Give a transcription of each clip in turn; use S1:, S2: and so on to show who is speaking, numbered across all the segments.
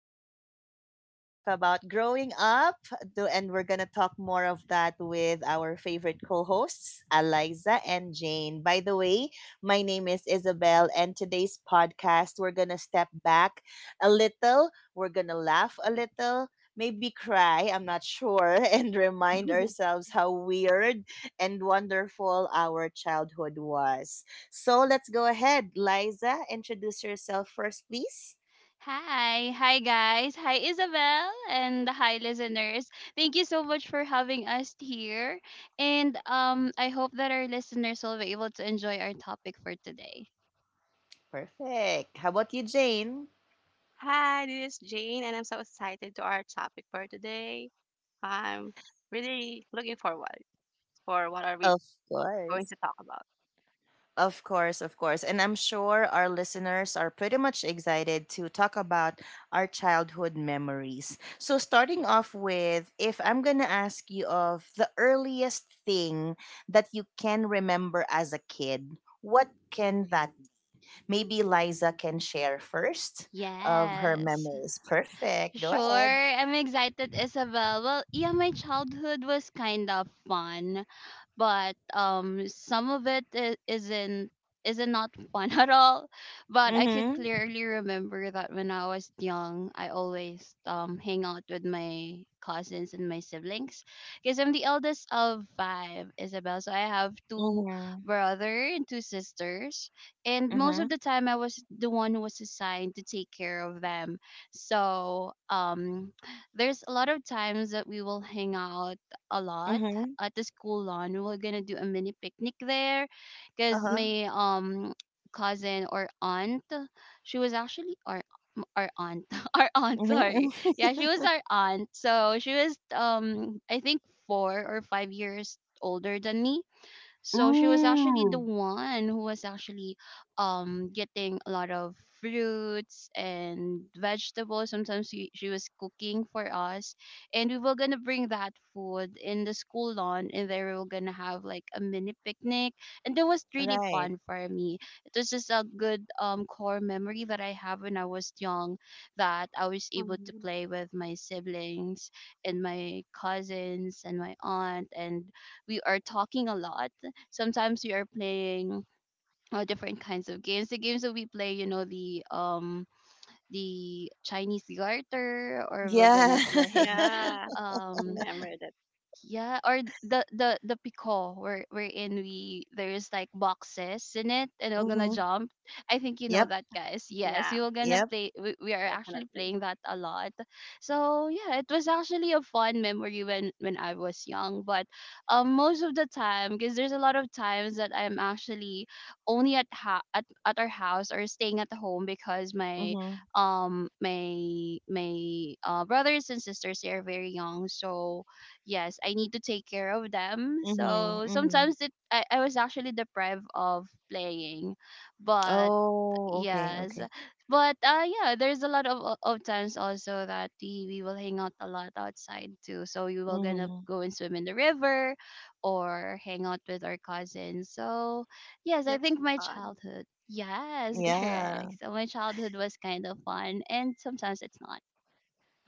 S1: Today, we're going to talk about growing up, and we're going to talk more of that with our favorite co hosts, Eliza and Jane. By the way, my name is Isabel, and today's podcast, we're going to step back a little, we're going to laugh a little. Maybe cry, I'm not sure, and remind ourselves how weird and wonderful our childhood was. So let's go ahead. Liza, introduce yourself first, please.
S2: Hi guys. Hi Isabel and the hi listeners. Thank you so much for having us here. And I hope that our listeners will be able to enjoy our topic for today.
S1: Perfect. How about you, Jane?
S3: Hi, this is Jane, and I'm so excited to our topic for today. I'm really looking forward for what are we
S1: Of
S3: going
S1: course.
S3: to talk about.
S1: Of course, of course. And I'm sure our listeners are pretty much excited to talk about our childhood memories. So, starting off with, if I'm going to ask you of the earliest thing that you can remember as a kid, what can that be? Maybe Liza can share first of her
S2: Yes.
S1: memories. Perfect. Go ahead.
S2: Sure. I'm excited, Isabel. Well, yeah, my childhood was kind of fun, but some of it isn't not fun at all, but
S1: Mm
S2: I could
S1: hmm.
S2: clearly remember that when I was young, I always hang out with my cousins and my siblings because I'm the eldest of five, Isabel. So I have two
S1: Mhm.
S2: brother and two sisters, and most of
S1: Mhm.
S2: the time I was the one who was assigned to take care of them. So there's a lot of times that we will hang out a lot
S1: Mhm.
S2: at the school lawn. We were gonna do a mini picnic there, cause
S1: Uh-huh.
S2: my cousin or aunt, she was actually our aunt, our aunt. Sorry,
S1: Mhm.
S2: yeah, she was our aunt. So she was I think 4 or 5 years older than me, so she was actually the
S1: Mm.
S2: one who was actually getting a lot of fruits and vegetables. Sometimes she was cooking for us, and we were gonna bring that food in the school lawn, and there we were gonna have like a mini picnic, and that was really
S1: Right.
S2: fun for me. It was just a good core memory that I have when I was young, that I was able to
S3: Mhm.
S2: play with my siblings and my cousins and my aunt, and we are talking a lot. Sometimes we are playing different kinds of games. The games that we play, you know, the Chinese garter, or we're
S1: Yeah.
S2: gonna play
S3: Yeah,
S2: um
S3: remember that.
S2: yeah, or the pico where wherein we there's like boxes in it and we're gonna
S1: Mhm.
S2: jump. I think you know
S1: Yep.
S2: that, guys. Yes,
S3: Yeah,
S2: we were gonna
S1: Yep.
S2: play. We are actually
S3: definitely.
S2: playing that a lot. So yeah, it was actually a fun memory when I was young. But, most of the time, because there's a lot of times that I'm actually only at our house or staying at the home because my
S1: Mhm.
S2: my brothers and sisters, they are very young. So yes, I need to take care of them.
S1: Mhm.
S2: So
S1: Mhm.
S2: sometimes I was actually deprived of playing. But
S1: Oh, okay.
S2: yes,
S1: Okay.
S2: but yeah, there's a lot of, of times also that we will hang out a lot outside too. So we will gonna
S1: Mhm.
S2: go and swim in the river or hang out with our cousins. So yes, I
S3: That's
S2: think my
S3: fun.
S2: childhood. Yes,
S1: Yeah.
S2: correct. So my childhood was kind of fun and sometimes it's not.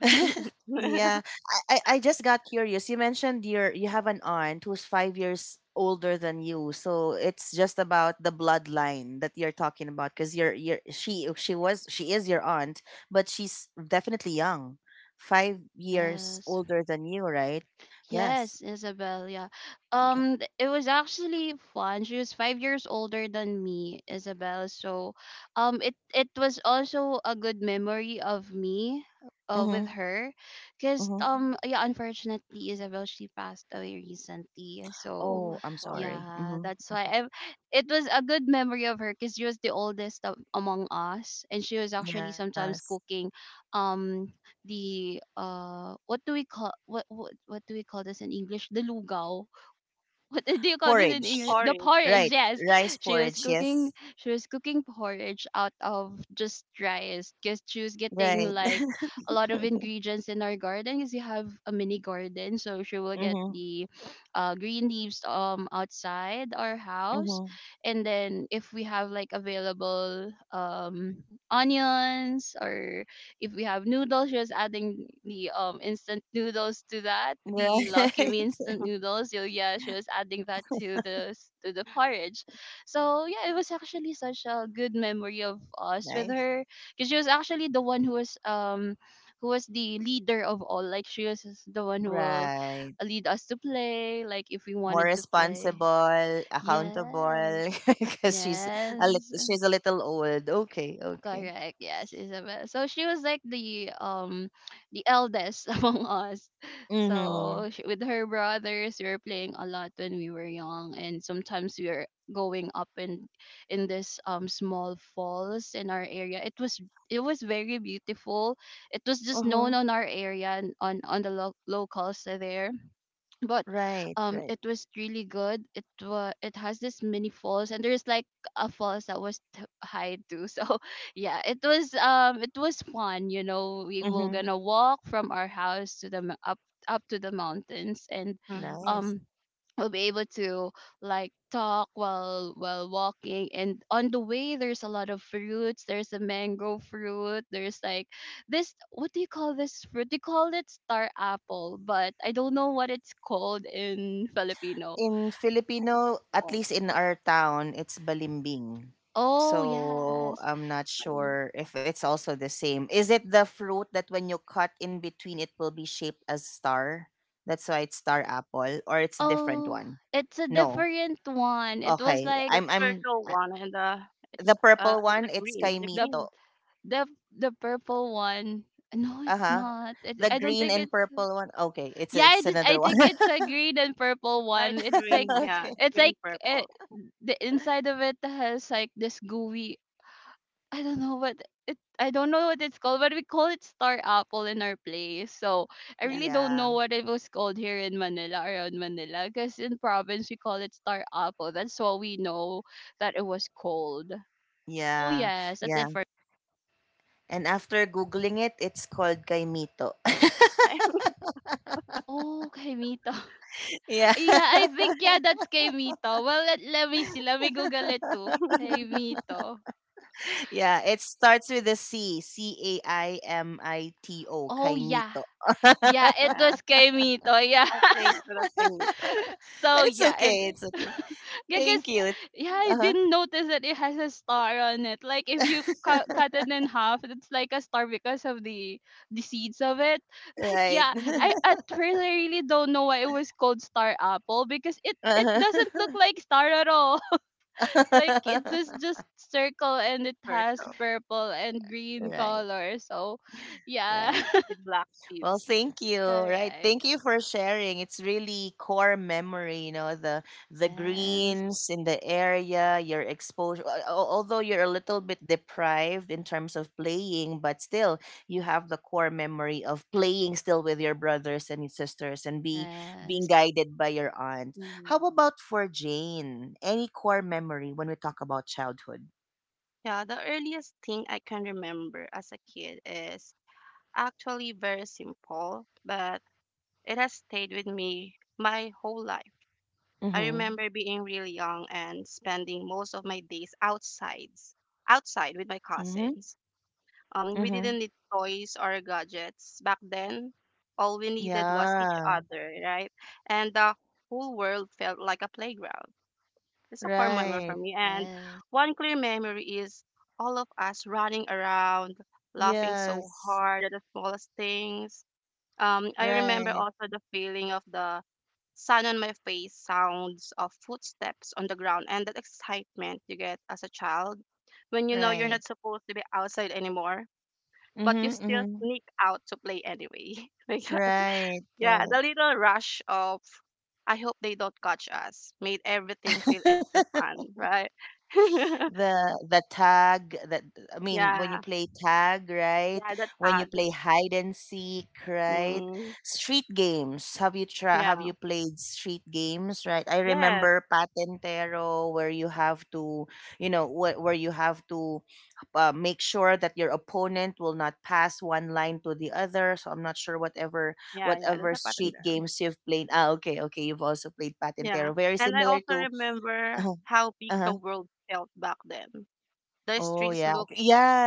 S1: Yeah. I just got curious. You mentioned you have an aunt who's 5 years older than you. So it's just about the bloodline that you're talking about because you're she is your aunt, but she's definitely young. 5 years
S2: Yes.
S1: older than you, right? Yes.
S2: Yes, Isabel, yeah.
S1: Okay.
S2: It was actually fun. She was 5 years older than me, Isabel. So, it it was also a good memory of me, with
S1: Mm-hmm.
S2: her, because
S1: Mm-hmm.
S2: yeah, unfortunately, Isabel she passed away recently. So,
S1: Oh,
S3: Oh,
S1: I'm
S3: sorry.
S1: sorry.
S2: yeah,
S1: Mm-hmm.
S2: that's why I. It was a good memory of her because she was the oldest of, among us, and she was actually
S1: Yes.
S2: sometimes cooking, um, the what do we call what do we call this in English? The lugaw. What do you call this in
S3: The
S2: English?
S1: Porridge.
S2: The
S3: porridge.
S2: porridge,
S1: Right.
S2: yes.
S1: Rice
S2: She was
S1: porridge, yes.
S2: cooking she was cooking porridge out of just rice because she was getting
S1: Right.
S2: like a lot of ingredients in our garden because we have a mini garden. So she will get
S1: Mm-hmm.
S2: the green leaves outside our house,
S1: Mm-hmm.
S2: and then if we have like available onions, or if we have noodles, just adding the instant noodles to that, the Lucky
S1: Right.
S2: Me instant noodles. So yeah, she was adding that to the porridge. So yeah, it was actually such a good memory of us with
S1: Nice.
S2: her because she was actually the one who was who was the leader of all. Like she was the one who will
S1: Right.
S2: lead us to play. Like if we
S1: More
S2: wanted to play,
S1: responsible, accountable,
S2: yes.
S1: because
S2: Yes.
S1: she's a little old. Okay, okay.
S2: Correct. Yes, Isabel. So she was like the the eldest among us.
S1: Mm-hmm.
S2: So she, with her brothers, we were playing a lot when we were young, and sometimes we were going up in this small falls in our area. It was very beautiful. It was
S1: Uh
S2: just
S1: huh.
S2: known on our area and on the locals there, but
S1: Right, right.
S2: it was really good. It was it has this mini falls, and there's like a falls that was high too. So yeah, it was fun, you know, we were
S1: Mm-hmm.
S2: gonna walk from our house to up up to the mountains, and
S3: Mm-hmm.
S1: Nice.
S2: um will be able to like talk while walking, and on the way there's a lot of fruits, there's a mango fruit, there's like this, what do you call this fruit, they call it star apple, but I don't know what it's called in Filipino.
S1: In Filipino, at least in
S3: Also.
S1: our town, it's balimbing.
S2: Oh
S1: So
S3: Oh,
S2: yes.
S1: I'm not
S3: funny.
S1: sure if it's also the same. Is it the fruit that when you cut in between, it will be shaped as star? That's why it's star apple, or it's a different
S2: Oh,
S1: one?
S2: it's a
S1: No.
S2: different one. It was
S1: Okay.
S2: like
S3: The
S1: I'm
S3: circle one and the it
S1: the
S3: look
S1: purple
S3: look
S1: one,
S3: like
S1: it's
S3: green. The
S2: the
S1: Kaimito.
S3: green.
S2: the the purple one. No, it's
S1: Uh-huh.
S2: not it,
S1: The
S2: I don't
S1: green
S2: think
S1: and
S2: it's.
S1: purple one. Okay, it's
S2: Yeah, I just
S1: another
S2: I
S1: one.
S2: think it's a green and purple
S3: It's
S2: one.
S3: a green. Yeah,
S1: Okay.
S2: It's
S3: green
S2: like uh
S3: purple.
S2: the inside of it has like this gooey. I don't know what it. I don't know what it's called, but we call it star apple in our place. So I
S3: Yeah.
S2: really don't
S1: Yeah.
S2: know what it was called here in Manila, around Manila, because in province we call it star apple. That's what we know that it was called. So
S1: Yeah.
S2: yes, that's
S1: Yeah.
S2: it for.
S1: And after googling it, it's called Kaimito.
S2: Oh, okay, Mito.
S1: Yeah.
S2: Yeah, I think yeah, that's Kaimito. Well, let, let me see. Let me Google it too. Kaimito.
S1: Yeah, it starts with a C. Caimito.
S2: Oh yeah,
S1: Kaimito.
S2: yeah, it
S3: Yeah.
S2: was Kaimito. Yeah.
S3: I think for the Nico, right?
S1: But
S2: So
S1: it's
S2: yeah, it.
S1: okay. It's okay.
S2: I guess
S1: Thank you.
S2: yeah, I
S1: Uh-huh.
S2: didn't notice that it has a star on it. Like if you cut it in half, it's like a star because of the seeds of it. Like
S1: Right.
S2: yeah, I at first I really don't know why it was called Star Apple because it
S1: Uh-huh.
S2: doesn't look like star at all. Like it is just circle and it has
S3: Circle
S2: purple and green
S1: Right.
S2: color. So yeah.
S1: Right.
S3: with black
S1: Well,
S3: seeds.
S1: thank you. Right.
S2: Correct.
S1: Thank you for sharing. It's really core memory, you know, the
S2: Yes.
S1: greens in the area, your exposure. Although you're a little bit deprived in terms of playing, but still you have the core memory of playing still with your brothers and your sisters and be being
S2: Yes.
S1: guided by your aunt. How
S3: Hmm.
S1: about for Jane? Any core memory when we talk about childhood?
S3: Yeah, the earliest thing I can remember as a kid is actually very simple, but it has stayed with me my whole life. I
S1: Mhm.
S3: remember being really young and spending most of my days outsides, outside with my
S1: Mhm.
S3: cousins. We
S1: Mhm.
S3: didn't need toys or gadgets back then. All we needed was each
S1: Yeah.
S3: other, right? And the whole world felt like a playground. It's a core memory
S1: Right.
S3: for me. And
S2: Yes.
S3: one clear memory is all of us running around, laughing so
S1: Yes.
S3: hard at the smallest things. I remember
S1: Right,
S3: also the feeling of the sun on my face, sounds of footsteps on the ground, and that excitement you get as a child when you know you're
S1: right.
S3: not supposed to be outside anymore, but you
S1: Mm-hmm,
S3: still
S1: mm-hmm.
S3: sneak out to play anyway. Like
S1: Right,
S3: yeah,
S1: right.
S3: the little rush of I hope they don't catch us made everything feel extra fun, right?
S1: The tag that I mean, when you
S3: Yeah,
S1: play tag, right?
S3: yeah, that
S1: When you
S3: hug.
S1: play hide and seek, right?
S3: Mm,
S1: Street games, have
S3: yeah,
S1: you played street games, right? I
S3: yes,
S1: remember patentero where you have to where you have to make sure that your opponent will not pass one line to the other. So I'm not sure
S3: yeah, yeah, there's
S1: whatever
S3: a pattern
S1: street
S3: there.
S1: games you've played. Ah, okay, okay, you've also played
S3: Yeah,
S1: patentero, very
S3: and I
S1: similar
S3: also
S1: to
S3: remember how big
S1: uh
S3: the world felt back then. The
S1: Oh,
S3: streets
S1: yeah.
S3: look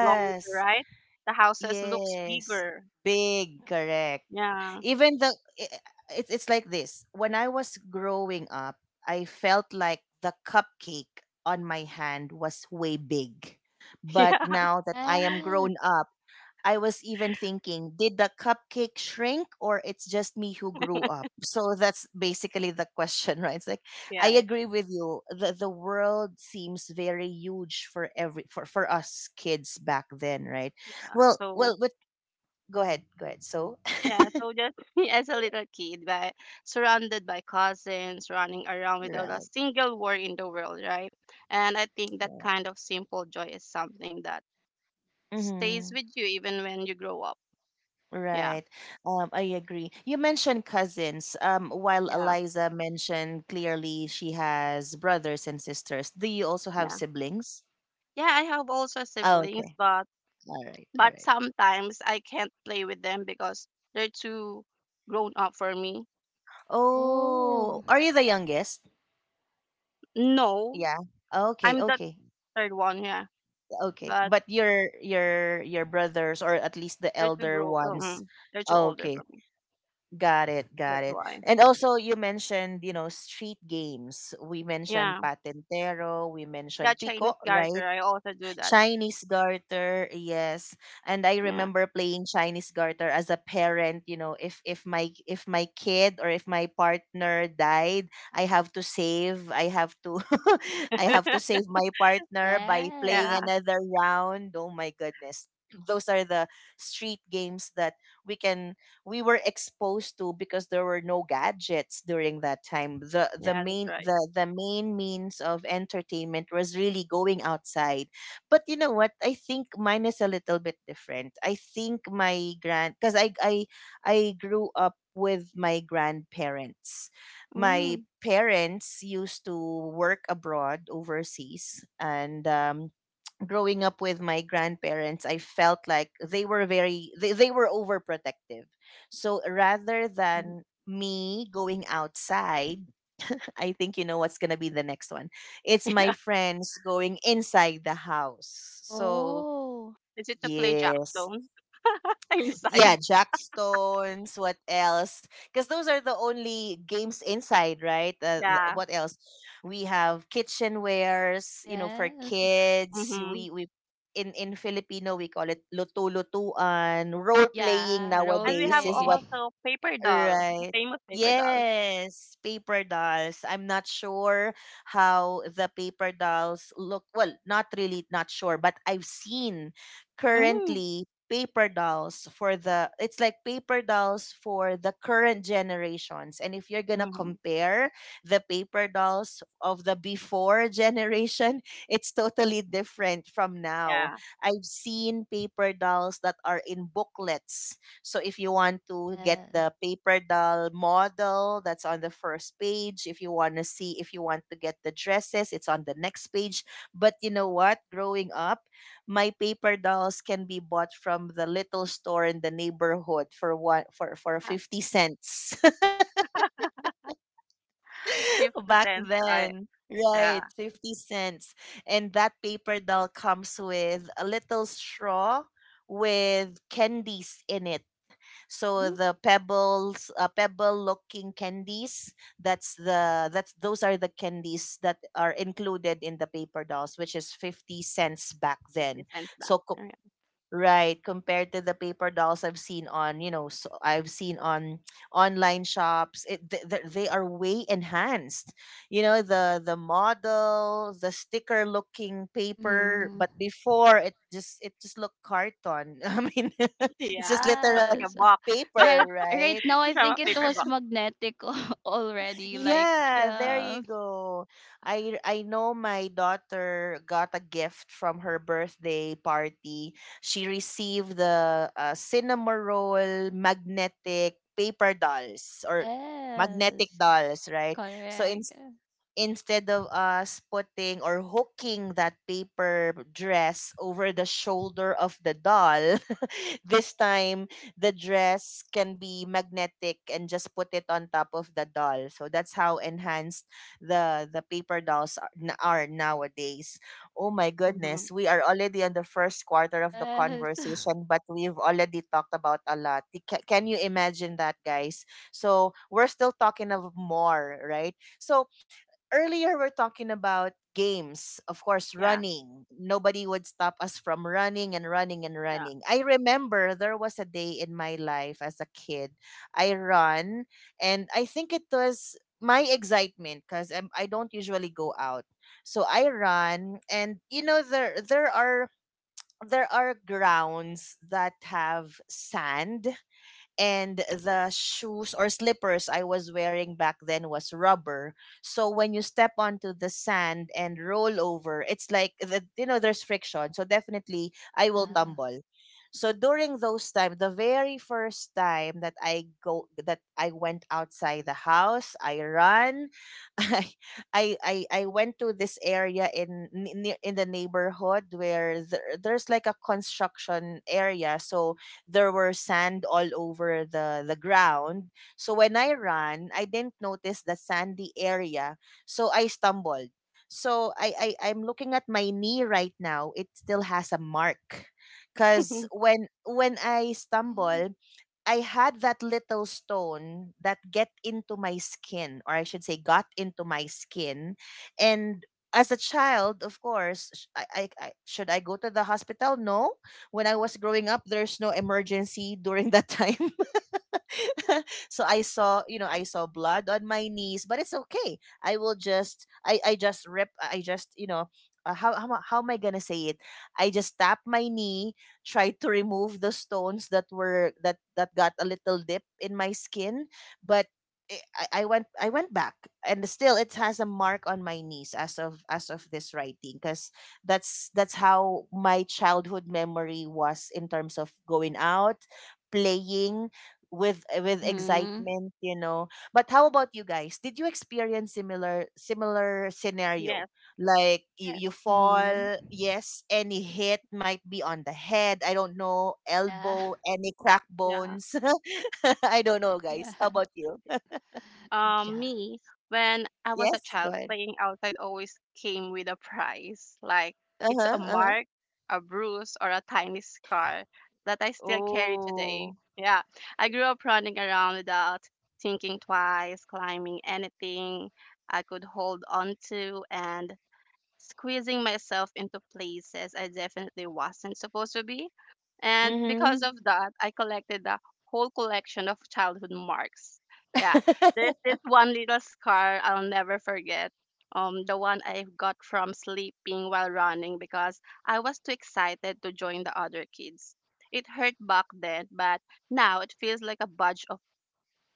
S3: longer, right? The houses looks
S1: Yes.
S3: bigger.
S1: Big, correct.
S3: Yeah,
S1: Even the i- it's it's like this. When I was growing up, I felt like the cupcake on my hand was way big. But
S3: yeah,
S1: now that I am
S2: Yes.
S1: grown up, I was even thinking, did the cupcake shrink or it's just me who grew up? So that's basically the question, right? It's like I
S3: yeah, yeah,
S1: agree with you. The world seems very huge for every for us kids back then, right?
S3: yeah.
S1: Well,
S3: So
S1: but go ahead, go ahead. So
S3: yeah, so just me as a little kid, but surrounded by cousins, running around without a
S1: right.
S3: single worry in the world, right? And I think that
S1: Yeah.
S3: kind of simple joy is something that stays
S1: Mm-hmm.
S3: with you even when you grow up. Yeah,
S1: Right. I agree. You mentioned cousins. While
S3: yeah,
S1: Eliza mentioned clearly she has brothers and sisters. Do you also have
S3: yeah.
S1: siblings?
S3: Yeah, I have also
S1: Oh,
S3: siblings,
S1: okay.
S3: but
S1: All right, all right.
S3: sometimes I can't play with them because they're too grown up for me.
S2: Oh.
S1: Oh, are you the youngest?
S3: No,
S1: Yeah. Okay,
S3: I'm the
S1: okay,
S3: third one, yeah,
S1: okay.
S3: but
S1: But your brothers or at least the
S3: they're too
S1: elder
S3: grow,
S1: ones.
S3: they're too older
S1: Okay,
S3: for me.
S1: got it, got
S3: That's
S1: it.
S3: why.
S1: And also you mentioned, street games. We mentioned
S3: Yeah.
S1: Patentero, we
S3: Yeah,
S1: mentioned Pico,
S3: Chinese garter.
S1: right?
S3: I also do that.
S1: Chinese garter, yes. And I
S3: Yeah.
S1: remember playing Chinese garter as a parent, you know, if my if my kid or if my partner died, I have to save, I have to I have to save my partner by playing
S2: Yes.
S3: Yeah.
S1: another round. Oh my goodness. Those are the street games that we can we were exposed to because there were no gadgets during that time. The the
S3: Yeah, that's
S1: main
S3: right.
S1: the, the main means of entertainment was really going outside, but you know what? I think mine is a little bit different. I think my grand because I grew up with my grandparents. My
S3: Mm.
S1: parents used to work abroad overseas, and growing up with my grandparents, I felt like they were overprotective. So rather
S3: Mhm.
S1: than me going outside, I think you know what's gonna be the next one. It's my
S3: Yeah.
S1: friends going inside the house. So
S2: Oh.
S3: Is it to play
S1: yes,
S3: jackstone inside?
S1: yeah, Jackstones, what else? Because those are the only games inside, right?
S3: Yeah.
S1: What else? We have kitchenwares, you know, for
S2: Yes.
S1: kids.
S3: Mm-hmm.
S1: We in Filipino we call it lutu-lutuan. Role playing
S2: Yeah. Role
S3: And we
S1: nowadays
S3: have
S1: is
S2: playing.
S1: what?
S3: also paper doll, a
S1: Right.
S3: famous paper doll.
S1: Yes, paper dolls. I'm not sure how the paper dolls look. Well, not really not sure, but I've seen
S3: Mm.
S1: currently paper dolls for the it's like paper dolls for the current generations. And if you're going to
S3: Mm-hmm.
S1: compare the paper dolls of the before generation, it's totally different from now.
S3: Yeah.
S1: I've seen paper dolls that are in booklets, so if you want to get the
S2: Yes.
S1: paper doll model, that's on the first page. If you want to see, if you want to get the dresses, it's on the next page. But you know what? Growing up, my paper dolls can be bought from the little store in the neighborhood for one for
S3: Uh,
S1: 50 cents
S3: 50
S1: back
S3: cents. I,
S1: then.
S3: yeah.
S1: Right, 50 cents. And that paper doll comes with a little straw with candies in it, so
S3: Mm,
S1: the pebbles pebble looking candies, that's the that's those are the candies that are included in the paper dolls, which is 50 cents back then.
S3: 50 cents back.
S1: so co-
S3: Alright.
S1: Right, compared to the paper dolls I've seen on, you know, so I've seen on online shops, they are way enhanced. You know, the model, the sticker looking paper,
S2: Mm-hmm.
S1: but before it just looked carton. I mean, it's
S3: Yeah.
S1: just
S3: Look
S1: literal
S3: like a
S2: Yes.
S3: box.
S1: paper,
S2: Right
S1: right?
S2: right now
S3: It's
S2: I
S3: from a
S2: think it
S3: paper
S2: was
S3: box.
S2: magnetic already. Like
S1: Yeah, there you
S2: yes.
S1: go. I know my daughter got a gift from her birthday party. She received the cinema roll magnetic paper dolls or magnetic
S2: Yes.
S1: dolls, right? So in
S2: Correct.
S1: instead of us putting or hooking that paper dress over the shoulder of the doll, this time the dress can be magnetic and just put it on top of the doll. So that's how enhanced the paper dolls are, are nowadays. Oh my
S3: Mm-hmm.
S1: goodness, we are already on the first quarter of the
S2: Yes.
S1: conversation, but we've already talked about a lot. Can you imagine that, guys? So we're still talking of more, right? So earlier we're talking about games, of course,
S3: Yeah.
S1: running. Nobody would stop us from running and running and
S3: Yeah.
S1: running. I remember there was a day in my life as a kid, I run, and I think it was my excitement because I don't usually go out. So I run, and you know there are grounds that have sand, and the shoes or slippers I was wearing back then was rubber. So when you step onto the sand and roll over, it's like there's friction. So definitely I will
S3: Mm-hmm.
S2: Yeah.
S1: tumble. So during those time, the very first time that I went outside the house, I run. I I went to this area in near in the neighborhood where there's like a construction area. So there were sand all over the ground. So when I ran, I didn't notice the sandy area, so I stumbled. So I'm looking at my knee right now. It still has a mark, cause when I
S2: Oh.
S1: stumble, I had that little stone that get into my skin, or I should say, got into my skin. And as a child, of course, I should I go to the hospital? No. When I was growing up, there's no emergency during that time. So I saw blood on my knees, but it's okay. I will just, I just rip, how am I gonna say it? I just tap my knee, tried to remove the stones that were that that got a little dip in my skin, but I went back, and still it has a mark on my knees as of this writing because that's how my childhood memory was in terms of going out playing with with
S2: Mm-hmm.
S1: excitement, you know. But how about you guys, did you experience similar scenario,
S3: Yes.
S1: like you,
S3: Yes.
S1: you
S2: Mm-hmm.
S1: fall? Yes, any hit might be on the head, I don't know,
S2: Yeah.
S1: elbow, any crack
S3: Yeah.
S1: bones. I don't know guys, how
S2: Yeah.
S1: about you?
S2: Yeah.
S3: Me when I was a
S1: Yes, go
S3: child
S1: ahead.
S3: playing outside always came with a price like it's a
S1: Uh-huh, uh-huh.
S3: mark, a bruise or a tiny scar that I still carry
S1: Oh.
S3: today. Yeah, I grew up running around without thinking twice, climbing anything I could hold on to and squeezing myself into places I definitely wasn't supposed to be. And because
S1: Mm-hmm.
S3: of that, I collected a whole collection of childhood marks. Yeah, there's this one little scar I'll never forget. The one I got from sleeping while running because I was too excited to join the other kids. It hurt back then, but now it feels like a badge of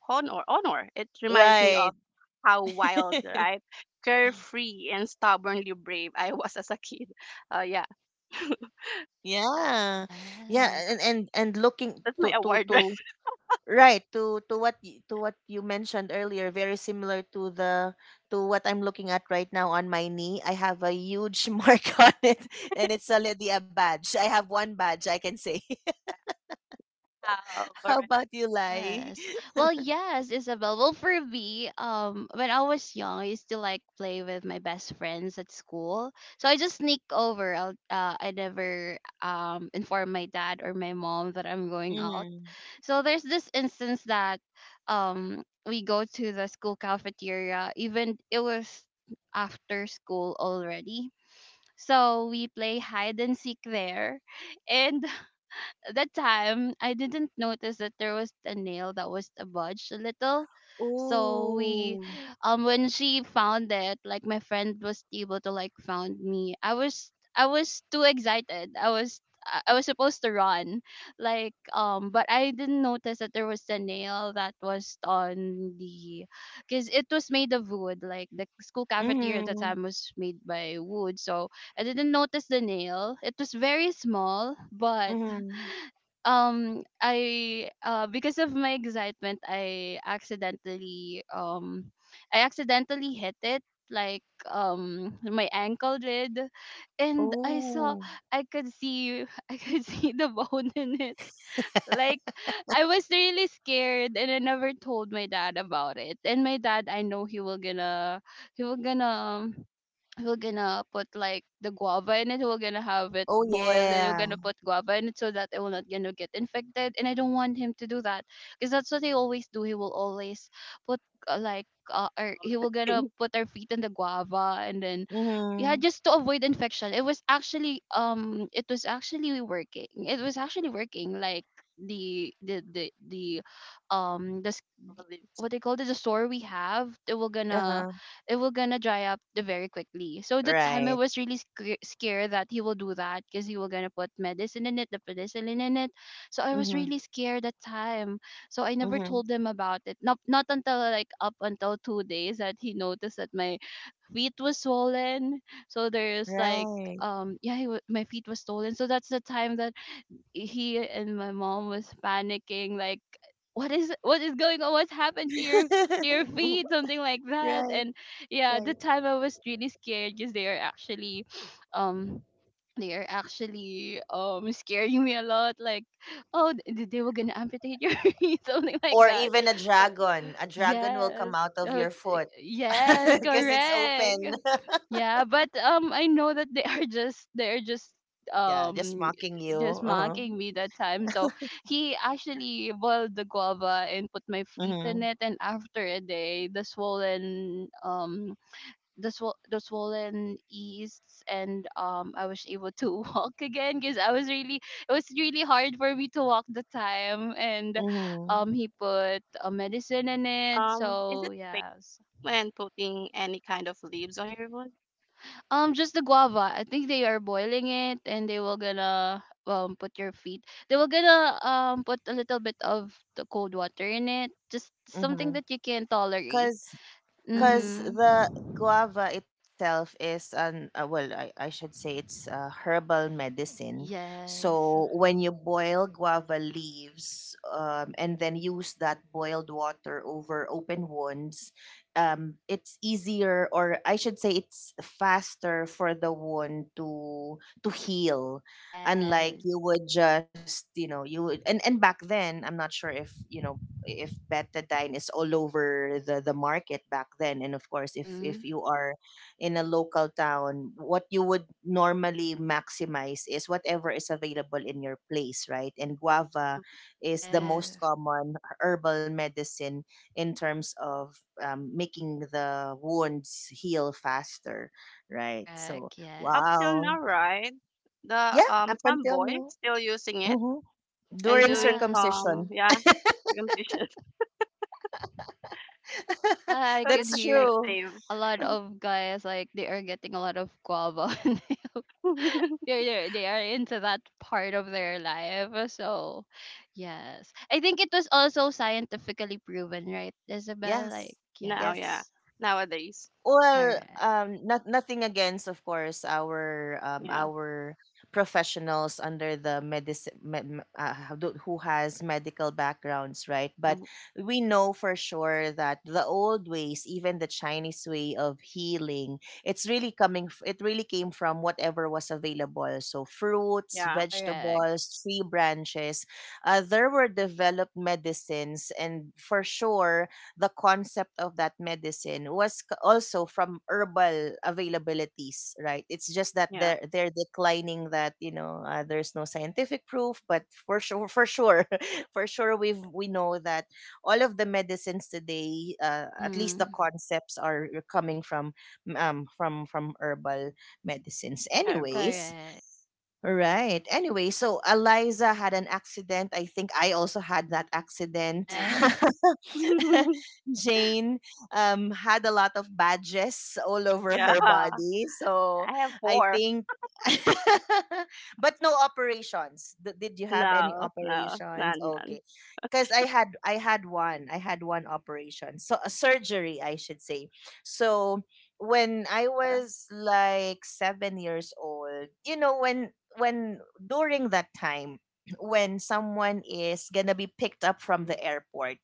S3: honor. It reminds me of
S1: Right.
S3: how wild, right, carefree and stubbornly brave I was as a kid. Yeah.
S1: Yeah, yeah.
S2: Yes.
S1: And looking
S3: That's my
S1: to to
S3: award, right?
S1: to right, to what to what you mentioned earlier, very similar to the to what I'm looking at right now on my knee. I have a huge mark on it, and it's already a badge. I have one badge, I can say.
S3: Now
S1: How
S3: for
S1: about you, Lai?
S2: Yes. Well, yes, Isabel. Well, for me, when I was young, I used to like play with my best friends at school. So I just sneak over. I never inform my dad or my mom that I'm going out.
S1: Mm.
S2: So there's this instance that we go to the school cafeteria even it was after school already. So we play hide and seek there, and that time I didn't notice that there was a nail that was budged a little. So we,
S1: Ooh.
S2: when she found it, like my friend was able to like found me. I was too excited. I was supposed to run, like but I didn't notice that there was a nail that was on the, because it was made of wood. Like the school cafeteria at the
S1: Mm.
S2: time was made by wood, so I didn't notice the nail. It was very small, but
S1: Mm.
S2: I because of my excitement I accidentally hit it, like my ankle did, and I saw,
S1: Ooh.
S2: I could see I could see the bone in it, like I was really scared and I never told my dad about it. And my dad, I know he will gonna we're gonna put like the guava in it, we're gonna have it
S1: Oh
S2: boiled and we're
S1: yeah.
S2: gonna put guava in it so that it will not gonna get infected, and I don't want him to do that because that's what he always do. He will always put uh, like or he will gonna
S3: recommending
S2: put our feet in the guava and then yeah,
S1: Mm.
S2: just to avoid infection. It was actually it was actually working, it was actually working like the the the, the the
S3: leaves.
S2: what they call it, the store we have,
S1: Uh-huh.
S2: it will gonna dry up the very quickly. So the time I
S1: Right.
S2: was really scared that he will do that because he will gonna put medicine in it, the penicillin in it. So I was
S1: Mm-hmm.
S2: really scared that time, so I never
S1: Mm-hmm.
S2: told him about it, not until like up until 2 days that he noticed that my feet was swollen. So there's like
S1: Right.
S2: yeah, he wa my feet was swollen. So that's the time that he and my mom was panicking, like what is going on, what's happened to your feet, something Like that.
S1: Right.
S2: And yeah, at
S1: Right.
S2: the time I was really scared because um they are actually scaring me a lot. Like, oh, they were gonna amputate your feet, something like
S1: Or
S2: that.
S1: even a
S2: Uh,
S1: dragon. A dragon will come
S2: Yes.
S1: out of
S2: Oh,
S1: your foot
S2: yes,
S1: because it's
S2: correct.
S1: open.
S2: Yeah, but I know that they are just they are
S1: Yeah, just
S2: um
S1: mocking you.
S2: just
S1: Uh-huh.
S2: mocking me that time. So he actually boiled the guava and put my feet in
S1: Mhm.
S2: it, and after a day the swollen the swollen easts, and I was able to walk again because I was really it was really hard for me to walk the time. And
S1: Mhm.
S2: he put a medicine in it,
S3: Is
S2: so
S3: it fake
S2: yes.
S3: when putting any kind of leaves on your wood?
S2: Just the guava, I think they are boiling it, and they will gonna put your feet, they were gonna put a little bit of the cold water in it, just something
S1: Mhm.
S2: that you can tolerate.
S1: Cuz
S3: Hmm,
S1: Because
S2: Mm-hmm.
S1: the guava itself is an well, I should say, it's a herbal medicine.
S2: Yes.
S1: So when you boil guava leaves, and then use that boiled water over open wounds, it's easier, or I should say it's faster, for the wound to heal, unlike
S2: Yes.
S1: you would just, you know, you would. And back then, I'm not sure if you know if Betadine is all over the market back then. And of course, if
S2: Mm-hmm.
S1: you are in a local town, what you would normally maximize is whatever is available in your place, right? And guava is the most
S2: Yes.
S1: common herbal medicine in terms of, making the wounds heal faster, right? So
S2: Correct.
S3: up till
S2: Yes.
S1: wow.
S3: now, right? The
S1: Yeah, up
S3: some
S1: until
S3: boys
S1: now.
S3: still using it
S1: Hmm.
S3: and
S1: During
S3: doing
S2: Yes.
S3: some,
S1: circumcision.
S3: yeah, circumcision.
S2: I
S3: So
S2: could
S1: That's
S3: that's
S2: hear
S1: true.
S3: effective.
S2: a lot of guys like they are getting a lot of guava on their- They are into that part of their life. So, yes. I think it was also scientifically proven, right, Isabel? Like,
S1: Yes.
S3: Now, yeah,
S2: yes.
S1: Yes.
S3: nowadays.
S1: Well,
S2: Correct.
S1: nothing against, of course,
S3: Yeah.
S1: our professionals under the medicine how who has medical backgrounds, right? But
S3: Mm-hmm.
S1: we know for sure that the old ways, even the Chinese way of healing, it's really coming. It really came from whatever was available. So fruits,
S3: Yeah,
S2: Correct.
S1: vegetables, tree branches. There were developed medicines, and for sure the concept of that medicine was also from herbal availabilities, right? It's just that
S3: yeah,
S1: they're declining that, you know, there's no scientific proof. But for sure, for sure, we know that all of the medicines today, at least the
S2: Mm-hmm.
S1: concepts are coming from herbal medicines.
S3: terrible, yeah,
S1: Anyways,
S2: Correct.
S1: right. Anyway, so Eliza had an accident. I think I also had that accident.
S3: yeah.
S2: Yes.
S1: Jane, had a lot of badges all over
S3: Yeah,
S1: her
S3: I
S1: body. So
S3: have
S1: I
S3: 4.
S1: think, but no operations. Did you have any
S3: No, no,
S1: operations?
S3: none, none.
S1: Okay, because I had one. I had one operation. So a surgery, I should say. So when I
S3: Yeah,
S1: was like 7 years old, you know, when during that time, when someone is gonna be picked up from the airport,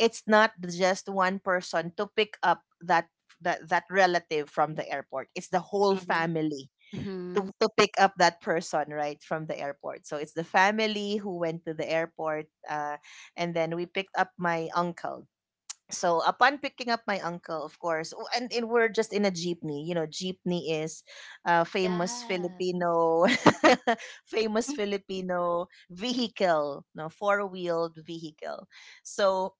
S1: it's not just one person to pick up that relative from the airport, it's the whole
S3: mhm.
S1: family to,
S2: Mm-hmm.
S1: pick up that person, right, from the airport. So it's the family who went to the airport, and then we picked up my uncle. So upon picking up my uncle, of course, and we're just in a jeepney. You know, jeepney is a famous
S2: Yes.
S1: Filipino famous Filipino vehicle, no, four-wheeled vehicle. So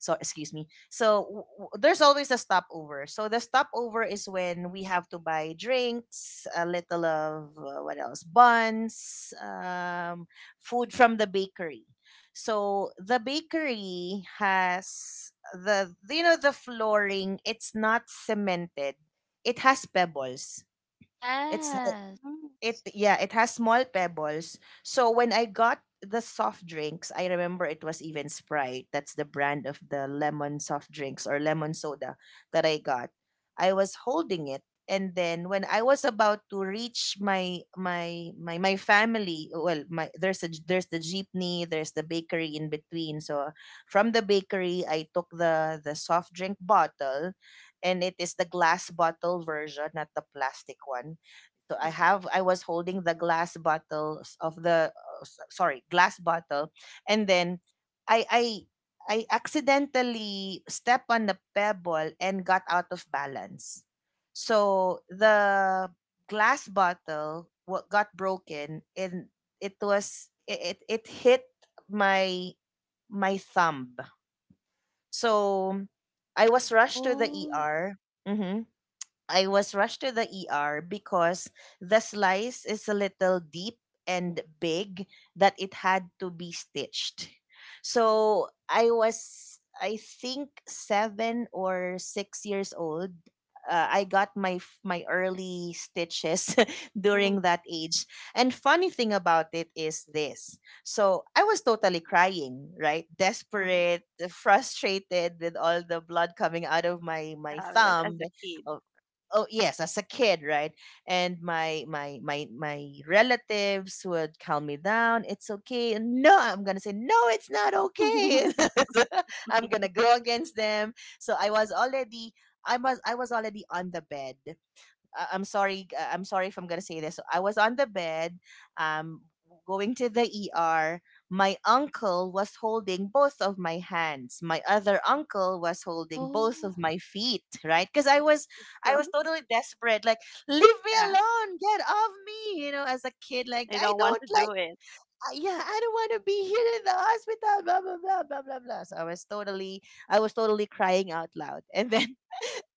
S1: excuse me, so there's always a stopover. So the stopover is when we have to buy drinks, a little of what else, buns, food from the bakery. So the bakery has the, you know, the flooring, it's not cemented, it has pebbles. it's
S2: Yes.
S3: Mhm,
S1: it yeah, it has small pebbles. So when I got the soft drinks, I remember it was even Sprite. That's the brand of the lemon soft drinks, or lemon soda, that I got. I was holding it, and then when I was about to reach my family, well, my there's a the jeepney, there's the bakery in between. So from the bakery, I took the soft drink bottle, and it is the glass bottle version, not the plastic one. So I was holding the glass bottles of the sorry, glass bottle, and then I I I accidentally stepped on the pebble and got out of balance. So the glass bottle what got broken, and it was it hit my thumb. So I was rushed to the
S2: Oh.
S1: ER. I was rushed to the ER because the slice is a little deep and big, that it had to be stitched. So I was, I think, 7 or 6 years old. I got my my early stitches
S3: mhm,
S1: during that age. And funny thing about it is this. So I was totally crying, right?
S3: mhm.
S1: Desperate, frustrated with all the blood coming out of my
S3: Yeah, because as
S1: thumb.
S3: a kid.
S1: uh, oh yes, as a kid, right? And my relatives would calm me down, it's okay. No, I'm gonna say no, it's not okay. I'm gonna go against them. So I was already, I was already on the bed. I'm sorry if I'm gonna say this. So I was on the bed, um, going to the ER. My uncle was holding both of my hands. My other uncle was holding both
S2: Oh.
S1: of my feet, right? Because I
S3: True.
S1: was totally desperate. Like, leave me
S3: Yeah,
S1: alone, get off me. You know, as a kid, like
S3: they
S1: I
S3: don't want
S1: don't
S3: to
S1: like,
S3: do it.
S1: yeah, I don't want to be here in the hospital. Blah blah blah blah blah blah. So I was totally crying out loud, and then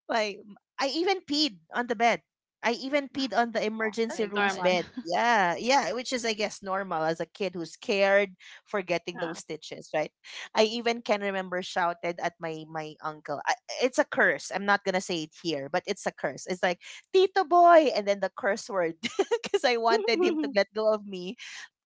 S1: like I even peed on the bed. I even peed on the
S3: Yeah,
S2: Oh
S3: that's
S1: emergency
S2: my
S1: room's
S3: normal.
S2: god.
S1: bed. Yeah, yeah, which is, I guess, normal as a kid who's scared for getting
S3: Yeah.
S1: those stitches, right? I even can remember shouted at my uncle. I, it's a curse. I'm not gonna say it here, but it's a curse. It's like Tito boy, and then the curse word because I wanted him to get go of me,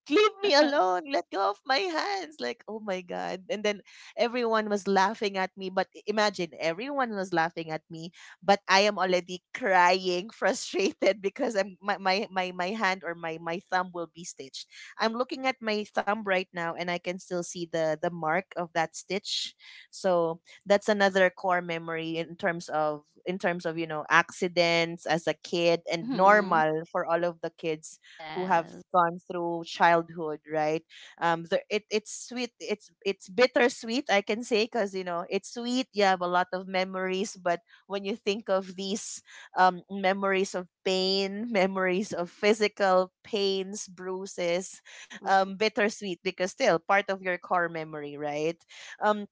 S1: leave me alone, let go of my hands, like oh my god. And then everyone was laughing at me, but imagine, everyone was laughing at me, but I am already crying, frustrated, because I'm my my my, my hand, or my thumb, will be stitched. I'm looking at my thumb right now, and I can still see the mark of that stitch. So that's another core memory in terms of, you know, accidents as a kid, and
S2: Mhm.
S1: normal for all of the kids who have
S2: Yes.
S1: gone through childhood, right? It's sweet, it's bittersweet, I can say, because you know it's sweet. You have a lot of memories, but when you think of these, memories of pain, memories of physical pains, bruises,
S3: Mhm.
S1: bittersweet because still part of your core memory, right? Um,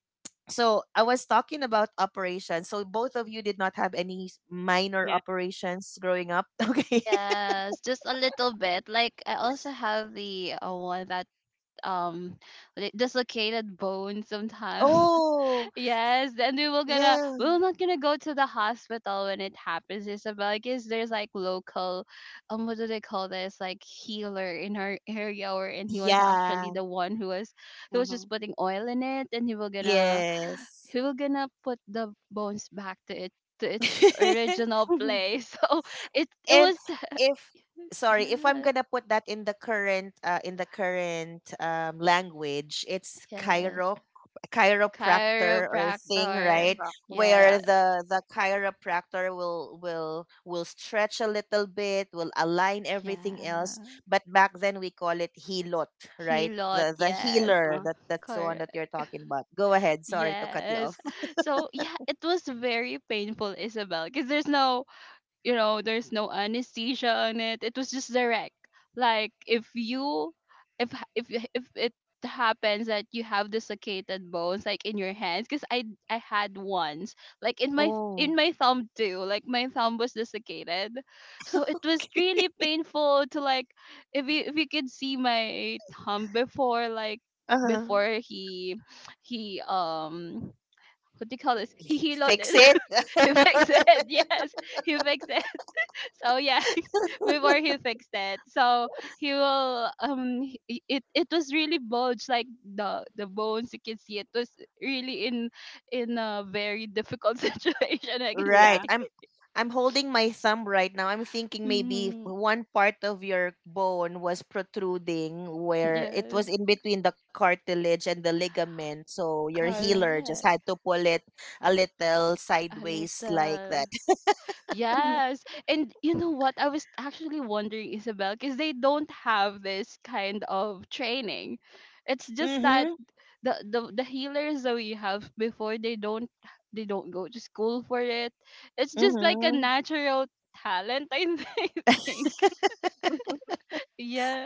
S1: so I was talking about operations. So both of you did not have any minor
S3: Yeah,
S1: operations growing up. Okay.
S2: Yes, just a little bit. Like I also have the one that um like, dislocated bone sometimes.
S1: Oh,
S2: Yes, then we will gonna
S1: yeah.
S2: we're not gonna go to the hospital when it happens. It's about like is there's like local what do they call this, like healer in our area. Or and he was actually
S1: Yeah.
S2: the one who was he was just
S3: mhm.
S2: putting oil in it, and he will gonna
S1: Yes.
S2: we were gonna put the bones back to it, to its original place. So it
S1: and
S2: was the
S1: if sorry, if I'm
S2: yeah
S1: gonna put that in the current language, it's
S2: yes
S1: chiropractor or thing,
S3: I
S1: right?
S2: chiropractor
S3: prob
S1: Where
S2: yes
S3: yeah,
S1: the chiropractor will stretch a little bit, will align everything else.
S2: yeah
S1: But back then we call it hilot, right?
S2: helot
S1: The
S2: yes
S1: healer.
S3: mhm,
S1: That's the one that you're
S2: correct
S1: talking about. Go ahead. Sorry to cut you off.
S2: yes. So yeah, it was very painful, Isabel, because there's no you know there's no anesthesia on it, it was just direct. Like if you if h- if y- if it happens that you have dislocated bones, like in your hands, because I had once, like in
S1: Oh.
S2: my thumb too, like my thumb was dislocated. So it was really painful to, like, if you could see my thumb before, like,
S1: Uh-huh.
S2: before he what do you call this, he healed
S1: Fix
S2: it,
S1: it.
S2: he fixed it, yes, he fixed it. So yeah, before he fixed it, so he will it it was really bulged, like the bones you can see it was really in a very difficult situation, I can say.
S1: Right,
S3: yeah.
S1: I'm holding my thumb right now. I'm thinking maybe if
S2: Mm,
S1: one part of your bone was protruding, where it was
S2: yes,
S1: in between the cartilage and the ligament, so your healer just
S2: correct.
S1: had to pull it a little
S2: A
S1: sideways like
S2: little,
S1: that.
S2: yes. And you know what, I was actually wondering, Isabel, because they don't have this kind of training. It's just that
S1: Mhm,
S2: the healers that we have before they don't go to school for it. It's just like a
S1: mhm.
S2: natural talent, I think.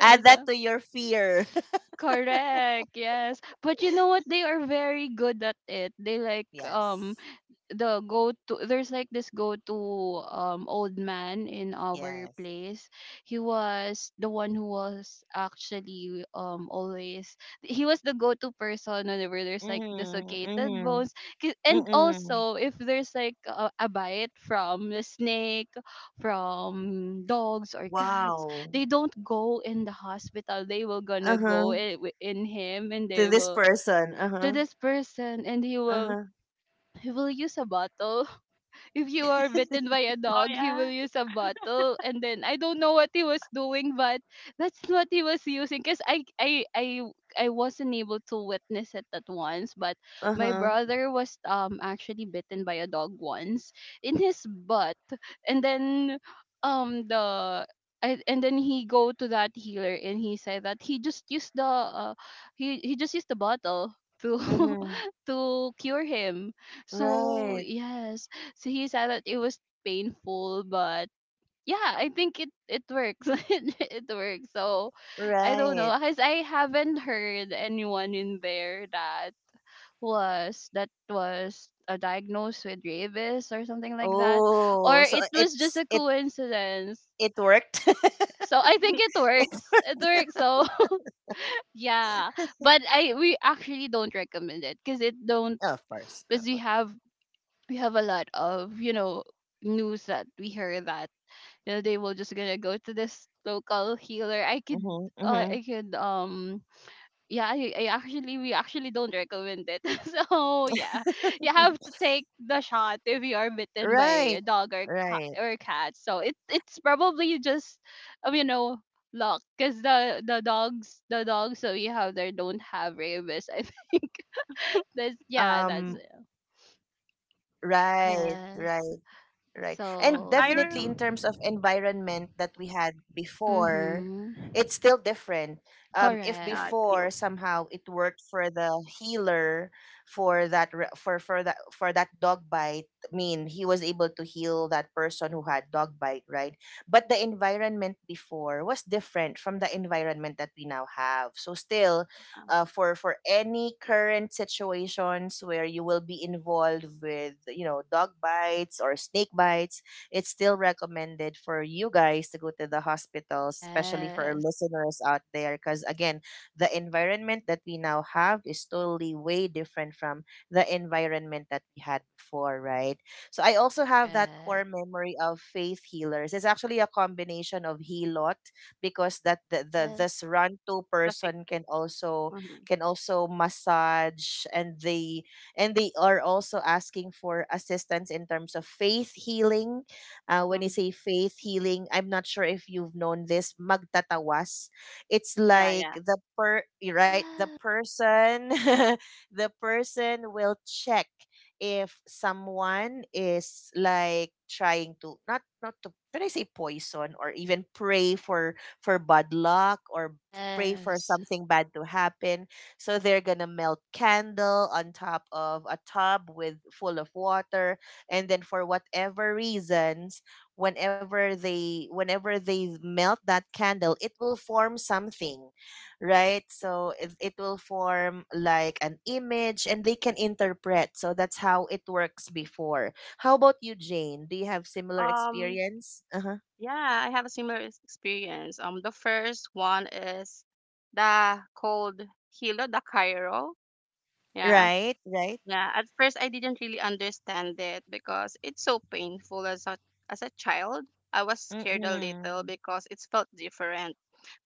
S1: Add that
S2: Uh,
S1: to your fear.
S2: correct. Yes, but you know what, they are very good at it, they like
S1: Yes.
S2: the go to there's like this go to old man in our
S1: Yes.
S2: place. He was the one who was actually always he was the go to person whenever there's like
S1: Mhm,
S2: dislocated
S1: mhm,
S2: bones. 'Cause and
S1: mhm.
S2: also if there's like a bite from a snake, from dogs or cats,
S1: Wow.
S2: they don't go in the hospital, they will gonna go
S1: Uh-huh.
S2: in him, and
S1: To
S2: they
S1: this
S2: will
S1: person.
S2: to
S1: Uh-huh,
S2: this person, and
S1: uh-huh,
S2: he will use a bottle. If you are bitten by a
S3: Oh,
S2: dog, he
S3: yeah.
S2: will use a bottle. And then I don't know what he was doing, but that's what he was using. Cause I I wasn't able to witness it at once, but my
S1: uh-huh.
S2: brother was actually bitten by a dog once, in his butt, and then the I, and then he go to that healer, and he said that he just used the he just used the bottle to
S1: Mm-hmm.
S2: to cure him. So
S1: Right.
S2: yes, so he said that it was painful, but yeah, I think it it works. It works. So I don't know,
S1: Right.
S2: cause I haven't heard anyone in there that was diagnosed with rabies or something like that, or
S1: Oh, so
S2: it was just
S1: it's
S2: a
S1: it
S2: coincidence.
S1: worked.
S2: So I think it works. It works. So yeah, but I we actually don't recommend it because it don't
S1: Of course.
S2: because
S1: Of course.
S2: we have a lot of you know news that we hear that you know they will just gonna go to this local healer. I could
S1: Mm-hmm. Mm-hmm.
S2: I could yeah I actually we actually don't recommend it. So yeah, you have to take the shot if you are bitten by
S1: Right.
S2: a dog or cat
S1: Right.
S2: or cat. So it it's probably just you know, luck, because the dogs that we have there
S1: You
S2: don't have
S1: know,
S2: rabies, I think.
S1: um
S2: That's yeah, that's it.
S1: right, right. Right.
S2: Yes.
S1: And definitely in terms of
S3: I
S2: So
S3: rem
S1: environment that we had before, it's still
S2: mm-hmm.
S1: different. If before
S3: yeah, it's
S2: Correct.
S1: somehow
S3: cute,
S1: it worked for the healer, for that for for that dog bite, I mean, he was able to heal that person who had dog bite, right? But the environment before was different from the environment that we now have. So still
S3: yeah,
S1: for any current situations where you will be involved with dog bites or snake bites, it's still recommended for you guys to go to the hospital, especially for our
S2: Yes.
S1: listeners out there, because again the environment that we now have is totally way different from the environment that we had before, right? So I also have that
S2: Correct.
S1: core memory of faith healers. It's actually a combination of healot because that the
S2: Yes.
S1: this run to
S3: the face.
S1: person
S3: Mhm,
S1: can also massage, and they are also asking for assistance in terms of faith healing. When you
S3: mhm.
S1: say faith healing, I'm not sure if you've known this magtatawas. It's
S3: Yeah,
S1: like
S3: yeah.
S1: the per you're right, the
S2: Ah,
S1: person the person will check if someone is like trying to not not to, should I say, poison or even pray for bad luck, or pray for
S2: yes.
S1: something bad to happen. So they're gonna melt candle on top of a tub with full of water, and then for whatever reasons, whenever they melt that candle, it will form something, right? So it will form like an image, and they can interpret. So that's how it works before. How about you, Jane? Do you have similar
S3: Um,
S1: experience? Uh huh.
S3: yeah, I have a similar ex- experience. The first one is the cold Hilo, the Cairo. Yeah,
S1: Right. Right.
S3: yeah. At first, I didn't really understand it because it's so painful as a child. I was
S1: Mm
S3: scared a little
S1: mm.
S3: because it felt different,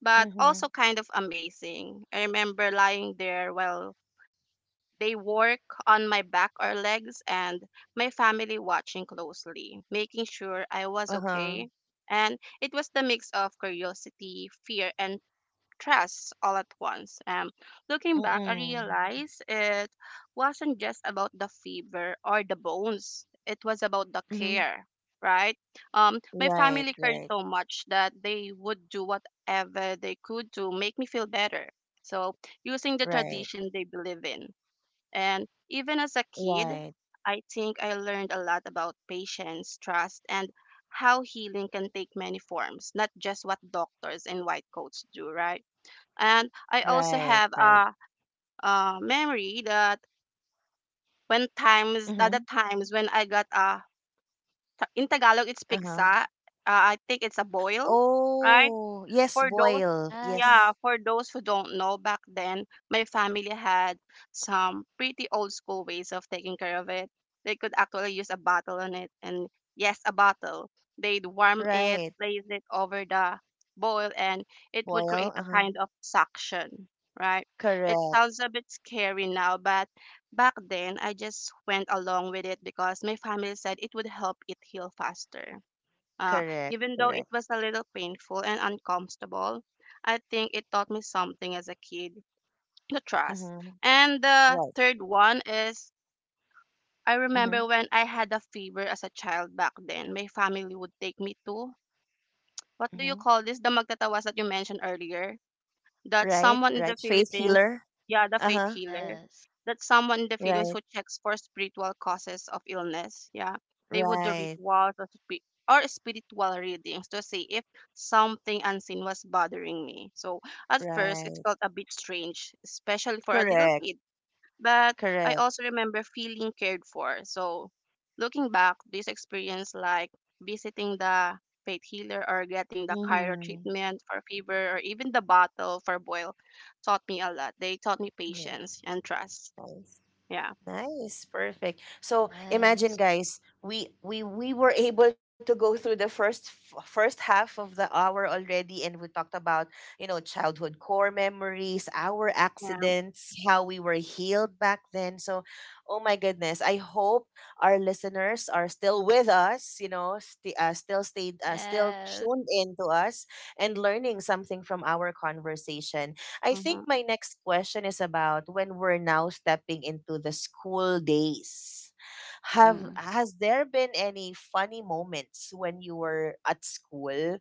S3: but
S1: Mm hmm.
S3: also kind of amazing. I remember lying there while they work on my back or legs and my family watching closely, making sure I
S1: Uh
S3: was
S1: huh.
S3: okay. And it was the mix of curiosity, fear, and trust all at once. Looking back, I
S1: Mm
S3: realized it wasn't just about the fever or the bones, it was about the
S1: mm.
S3: care, right? My
S1: Right,
S3: family cared
S1: right,
S3: so much that they would do whatever they could to make me feel better. So, using the
S1: right,
S3: tradition they believe in. And even as a kid,
S1: right,
S3: I think I learned a lot about patience, trust, and how healing can take many forms, not just what doctors in white coats do, right? And I also
S1: right,
S3: have
S1: right.
S3: a memory that when times, the
S1: Mm-hmm.
S3: times when I got a, in Tagalog, it's
S1: Uh-huh.
S3: pigsa. I think it's a boil, right?
S1: Oh, yes,
S3: For those,
S1: boil.
S2: Yes.
S3: yeah,
S1: Yes.
S3: for those who don't know, back then my family had some pretty old school ways of taking care of it. They could actually use a bottle on it and, yes, a bottle. They'd warm it,
S1: Right.
S3: place it over the boil and it would
S1: Boil.
S3: create a
S1: Uh-huh.
S3: kind of suction, right? It
S1: Correct,
S3: sounds a bit scary now, but back then I just went along with it because my family said it would help it heal faster. Uh,
S1: correct,
S3: even though
S1: correct.
S3: it was a little painful and uncomfortable, I think it taught me something as a kid, to trust.
S1: Mm-hmm.
S3: And the
S1: Right.
S3: third one is I
S1: Mm-hmm.
S3: remember when I had a fever as a child back then, my family would take me to what do you
S1: Mm-hmm.
S3: call this? The magtatawas that you mentioned earlier, that
S1: Right,
S3: someone in
S1: right.
S3: the
S1: Faith
S3: Philippines,
S1: healer.
S3: yeah, the faith
S1: Uh-huh.
S3: healer,
S2: Yes.
S3: that someone in the Philippines
S1: Right,
S3: who checks for spiritual causes of illness, yeah, they would do
S1: right,
S3: rituals or, or spiritual readings to see if something unseen was bothering me. So at first, it
S1: right.
S3: felt a bit strange, especially for a little
S1: Correct,
S3: kid, but I
S1: correct.
S3: also remember feeling cared for. So, looking back, this experience like visiting the faith healer or getting the chiro
S1: Mm-hmm.
S3: treatment for fever or even the bottle for boil taught me a lot. They taught me
S1: Right.
S3: patience and trust.
S1: Nice.
S3: Yeah.
S1: Nice, perfect. So imagine,
S2: Yes.
S1: guys, we were able to go through the first half of the hour already, and we talked about childhood core memories, our
S3: Yeah.
S1: accidents, how we were healed back then. So, oh my goodness, I hope our listeners are still with us. You know, still stayed, still
S2: Yes.
S1: tuned in to us, and learning something from our conversation. I
S3: Mm-hmm.
S1: think my next question is about when we're now stepping into the school days. Have
S2: Mm-hmm.
S1: has there been any funny moments when you were at school?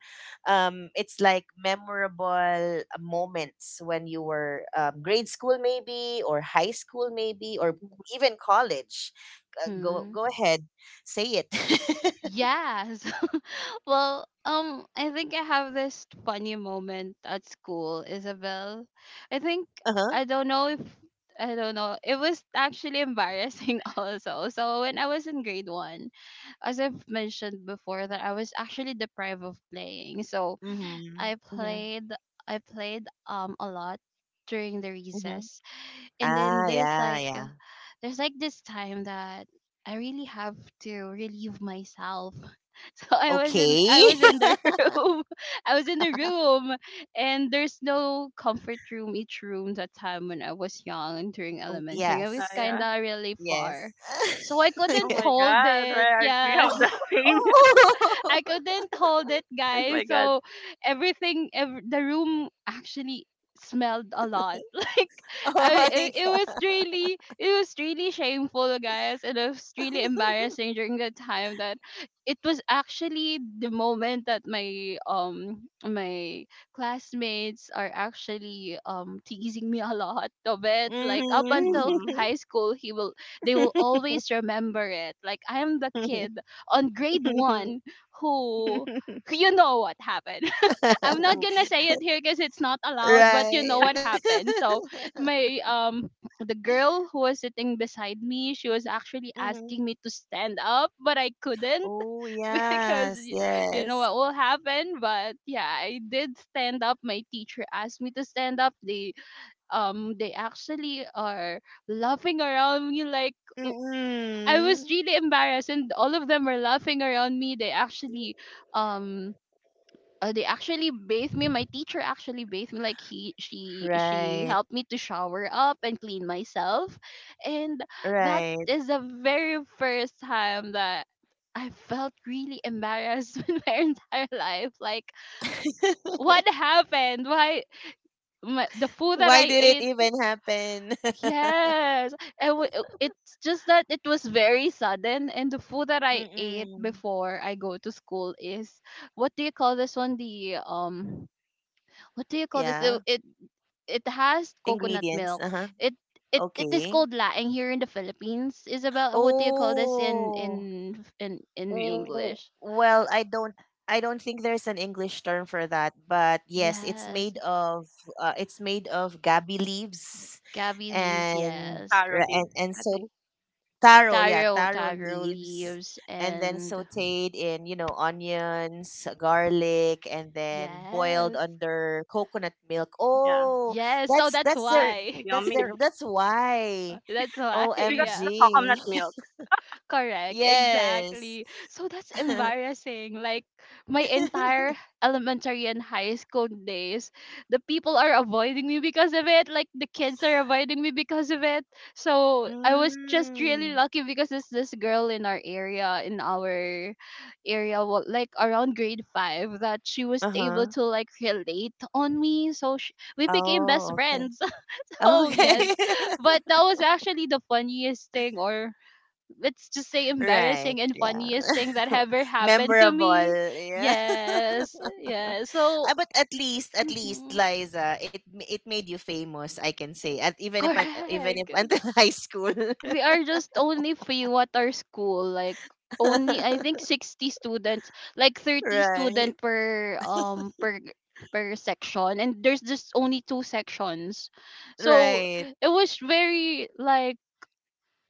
S1: It's like memorable moments when you were grade school, maybe, or high school, maybe, or even college.
S2: Mm-hmm.
S1: Go ahead, say it.
S2: Yes. Well, I think I have this funny moment at school, Isabel. I think
S1: Uh huh.
S2: I don't know if I don't know. It was actually embarrassing also. So when I was in grade one, as I've mentioned before, that I was actually deprived of playing. So
S1: Mm-hmm.
S2: I
S1: Mm-hmm.
S2: played I played a lot during the
S1: Mm-hmm.
S2: recess. And then
S1: Ah, yeah, yeah.
S2: there's like this time that I really have to relieve myself. So
S1: Okay.
S2: I was in the room. I was in the room, and there's no comfort room each room that time, when I was young and during
S1: Oh,
S2: elementary. I was
S1: yes.
S3: Yeah.
S2: kinda really
S1: Yes.
S2: far. So I couldn't
S3: Oh
S1: Yeah.
S3: my
S2: hold
S3: God.
S2: it.
S3: Right. We have
S2: Yes.
S3: the same.
S1: Oh.
S2: I couldn't hold it,
S3: Oh
S2: guys.
S3: my God.
S2: So everything, the room actually smelled a lot. Like
S1: Oh
S2: I, it,
S1: my god.
S2: it was really shameful, guys, and it was really embarrassing. During the time that it was actually the moment that my my classmates are actually teasing me a lot of it. Like up until
S3: Mm-hmm.
S1: Mhm.
S2: high school, he will they will always remember it. Like I am the kid on grade one who you know what happened. I'm not
S3: Mm-hmm.
S2: gonna say it here because it's not allowed, but you know
S1: Right.
S2: what happened. So my the girl who was sitting beside me, she was actually
S1: Mhm.
S2: asking me to stand up, but I couldn't
S1: Oh,
S2: because
S1: yes,
S2: you know
S1: yes.
S2: what will happen. But yeah, I did stand up. My teacher asked me to stand up. They actually are laughing around me, like w- I was
S1: Mm-mm.
S2: really embarrassed, and all of them were laughing around me. Um they actually bathed me. My teacher actually bathed me. Like he, she
S1: Right,
S2: helped me to shower up and clean myself, and that
S1: right.
S2: is the very first time that I felt really embarrassed in my entire life. Like, what happened? Why my, the food that
S1: Why
S2: I
S1: did it
S2: ate?
S1: even happen?
S2: Yes, and it's just that it was very sudden, and the food that I ate
S1: Mm-mm.
S2: before I go to school is what do you call this one? The what do you call this? So
S1: Yeah.
S2: it has coconut
S1: Ingredients.
S2: milk.
S1: Uh-huh.
S2: It it it is
S1: Okay.
S2: called laing here in the Philippines. Isabel, what do you call this in
S1: Oh.
S3: So
S2: in
S3: yummy.
S1: W-
S2: English?
S1: well, I don't think there's an English term for that, but yes,
S2: Yes,
S1: it's made of gabi leaves
S2: gabi leaves.
S1: and
S2: Yes,
S3: Taro leaves, I
S1: so
S3: think.
S1: taro, yeah, taro
S2: taro
S1: leaves,
S2: leaves,
S1: and then
S2: and
S1: sauteed in, you know, onions, garlic, and then boiled
S2: yes,
S1: under coconut milk.
S3: Yeah.
S1: Oh,
S2: yes. So
S1: that's
S2: that's
S3: That's so
S2: why.
S1: that's their
S3: yummy.
S1: that's why.
S2: That's why.
S3: Because of
S2: Yeah.
S3: the
S1: OMG.
S3: coconut milk.
S2: Correct,
S1: Yes.
S2: exactly. So that's embarrassing. Like my entire elementary and high school days, the people are avoiding me because of it. Like the kids are avoiding me because of it. So I was just really
S1: Mm.
S2: lucky because there's this girl in our area, wa- like around grade five, that she was able
S1: Uh-huh.
S2: to like relate on me. So sh we became best
S1: Oh, okay.
S2: friends. Oh
S1: Okay.
S3: Mhm.
S2: yes, but that was actually the funniest thing, or let's just say
S1: Right.
S2: embarrassing and
S1: Yeah.
S2: funniest thing that ever happened to me.
S1: Memorable. Yeah.
S2: Yes, yes. So
S1: Ah, but at least,
S2: mhm,
S1: Liza, it made you famous, I can say. At even if even if
S2: correct.
S1: until high school.
S2: And we are just only few at our school, like only I think 60 students, like 30
S1: Right.
S2: student per per section, and there's just only two sections, so
S1: Right.
S2: it was very like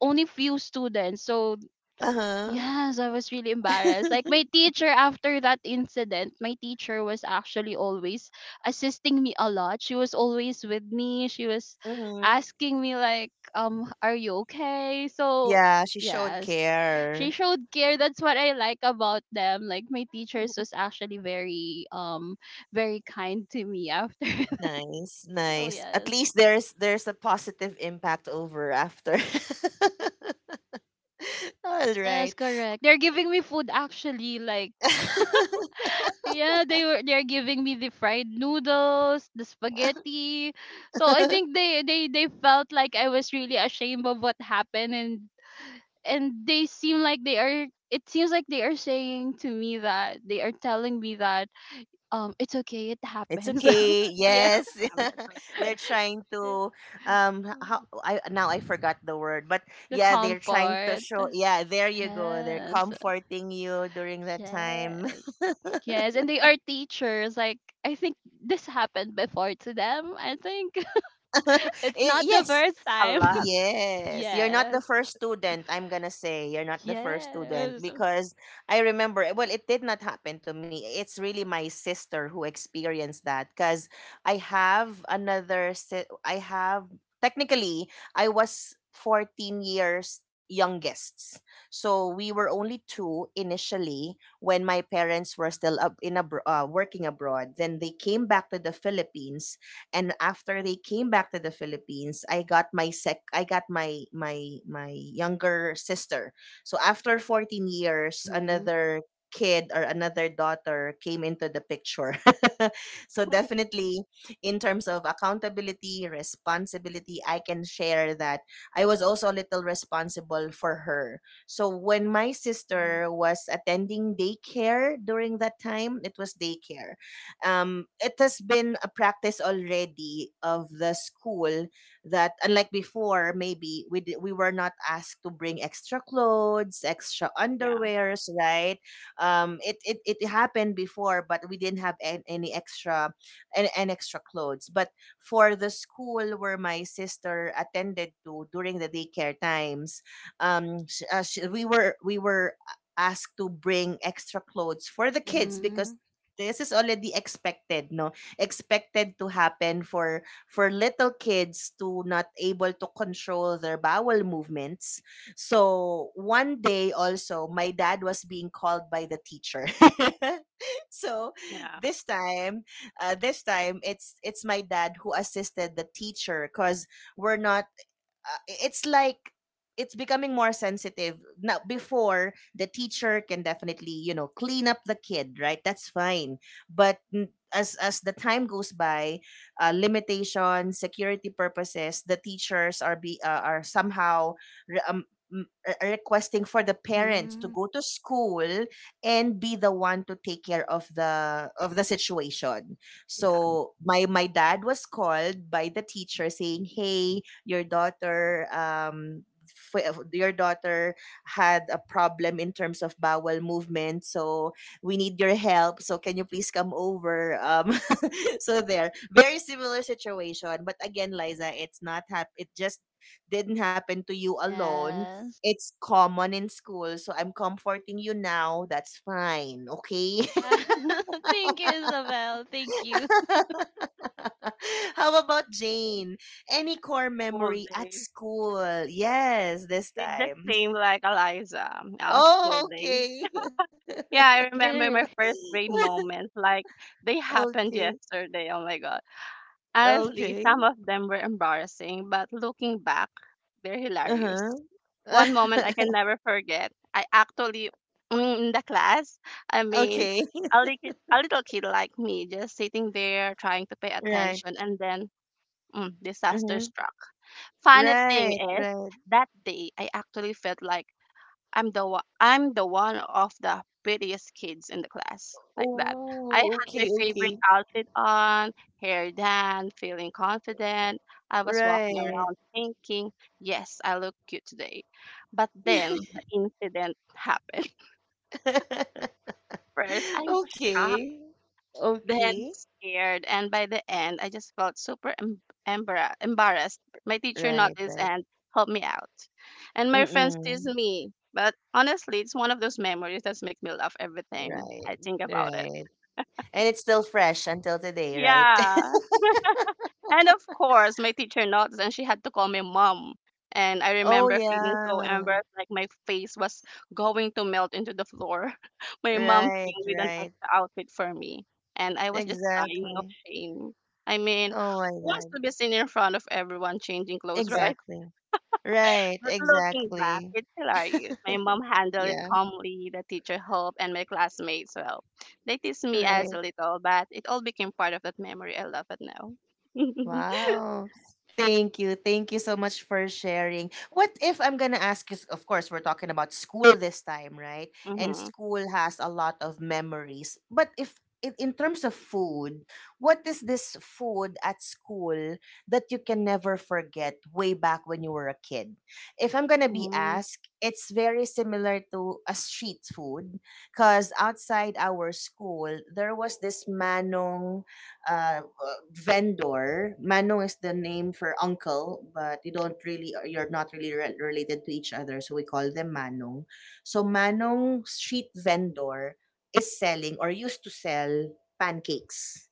S2: only few students. So
S1: Uh-huh.
S2: yes, I was really embarrassed. Like my teacher after that incident, my teacher was actually always assisting me a lot. She was always with me. She was
S1: Mm-hmm.
S2: asking me like, are you okay? So
S1: Yeah, she showed
S2: yes. She
S1: care.
S2: showed care. That's what I like about them. Like my teachers was actually very very kind to me after that.
S1: Nice,
S2: So
S1: nice. At
S2: yes.
S1: least there's a positive impact over after. All
S2: Yes,
S1: right.
S2: correct. They're giving me food actually, like yeah, they were they're giving me the fried noodles, the spaghetti. So I think they felt like I was really ashamed of what happened, and they seem like they are it seems like they are saying to me that they are telling me that it's okay, it
S1: It's
S2: happens.
S1: okay.
S2: Yeah.
S1: Yes.
S3: That's
S1: They're
S3: okay.
S1: trying
S2: Yeah.
S1: to how I now I forgot the word, but
S2: The
S1: yeah, they're trying to
S2: comfort.
S1: show, yeah, there you go. They're
S2: Yes.
S1: comforting you during that time.
S2: Yes. Yes, and they are teachers. Like, I think this happened before to them. I think. It's
S1: Eh,
S2: not the
S1: yes.
S2: first
S3: A
S2: time.
S3: lot.
S1: Yes, you're not the
S2: Yes.
S1: first student. I'm gonna say you're not the first student
S2: Yes.
S1: because I remember. Eh, well, it did not happen to me. It's really my sister who experienced that. Cause I have technically I was 14 years youngest. So we were only two initially when my parents were still up in working abroad. Then they came back to the Philippines, and after they came back to the Philippines, I got my younger sister. So after 14 years,
S2: Mhm.
S1: another kid or another daughter came into the picture. So definitely in terms of accountability, responsibility, I can share that I was also a little responsible for her. So when my sister was attending daycare during that time, it was daycare. It has been a practice already of the school that, unlike before, maybe we were not asked to bring extra clothes, extra
S3: Yeah,
S1: underwears, right? It happened before, but we didn't have any extra an extra clothes. But for the school where my sister attended to during the daycare times, we were asked to bring extra clothes for the kids because
S2: Mhm.
S1: this is already expected, no expected to happen for little kids to not able to control their bowel movements. So one day also, my dad was being called by the teacher. So
S3: yeah,
S1: this time, this time it's my dad who assisted the teacher because we're not it's like it's becoming more sensitive now. Before, the teacher can definitely, you know, clean up the kid, right? That's fine. But as the time goes by, limitations, security purposes, the teachers are be are somehow re- um, requesting for the parents to
S2: Mhm.
S1: go to school and be the one to take care of the situation.
S3: yeah.
S1: So my dad was called by the teacher saying, hey, your daughter, um, your daughter had a problem in terms of bowel movement, so we need your help, so can you please come over. Um, so there. But very similar situation, but again, Liza, it's not hap- it just didn't happen to you alone.
S2: Yes.
S1: It's common in school, so I'm comforting you now. That's fine, okay.
S2: Yeah. Thank you, Isabel. Thank you.
S1: How about Jane? Any core
S3: School
S1: memory at
S3: days. Yeah.
S1: school? Yes, this
S3: With the
S1: time.
S3: same like Eliza,
S1: Oh,
S3: school days.
S1: okay.
S3: Yeah, I
S2: I can
S3: remember my
S2: relate.
S3: first grade moments. Like they happened
S1: Okay.
S3: yesterday. Oh my god. Honestly,
S1: Okay.
S3: some of them were embarrassing, but looking back, they're hilarious.
S1: Uh-huh.
S3: One moment I can never forget. I actually, mm, in the class, I mean,
S1: Okay.
S3: a, a little kid like me just sitting there trying to pay
S1: Right.
S3: attention and then mm, disaster
S1: Mm-hmm.
S3: struck. Funny thing
S1: Right,
S3: is,
S1: right.
S3: that day I actually felt like I'm the one of the prettiest kids in the class, like that. I
S1: Oh,
S3: had my
S1: okay,
S3: favorite
S1: okay.
S3: outfit on, hair done, feeling confident. I was walking
S1: Right.
S3: around thinking, yes, I look cute today. But then the incident happened. First, I was shocked,
S1: Okay.
S3: then
S1: Okay.
S3: scared. And by the end, I just felt super embarrassed. My teacher
S1: Right,
S3: noticed
S1: right.
S3: and helped me out. And my friends teased
S1: Mm-mm.
S3: me. But honestly, it's one of those memories that make me laugh every time
S1: Right,
S3: I think about it.
S1: right. And it's still fresh until today, right?
S3: Yeah. And of course, my teacher noticed and she had to call me mom. And I
S1: Oh,
S3: remember feeling so
S1: yeah.
S3: embarrassed, like my face was going to melt into the floor. My mom
S1: Right,
S3: came with an
S1: right.
S3: extra outfit for me, and I was just dying of
S1: Exactly.
S3: shame. I mean,
S1: Oh my
S3: who wants
S1: God.
S3: to be seen in front of everyone changing clothes, right?
S1: Exactly. Right,
S3: But looking back,
S1: exactly.
S3: it's hilarious. My mom handled it
S1: Yeah,
S3: calmly, the teacher helped, and my classmates, well, they teased me as a
S1: right.
S3: little, but it all became part of that memory I love it now.
S1: Wow. Thank you. Thank you so much for sharing. What if I'm going to ask you, of course, we're talking about school this time, right? And
S3: Hmm.
S1: school has a lot of memories. But if in in terms of food, what is this food at school that you can never forget way back when you were a kid? If I'm going to be
S3: Hmm,
S1: asked, it's very similar to a street food because outside our school, there was this manong uh, vendor. Manong is the name for uncle, but you don't really, you're not really related to each other, so we call them Manong. So Manong street vendor is selling or used to sell pancakes,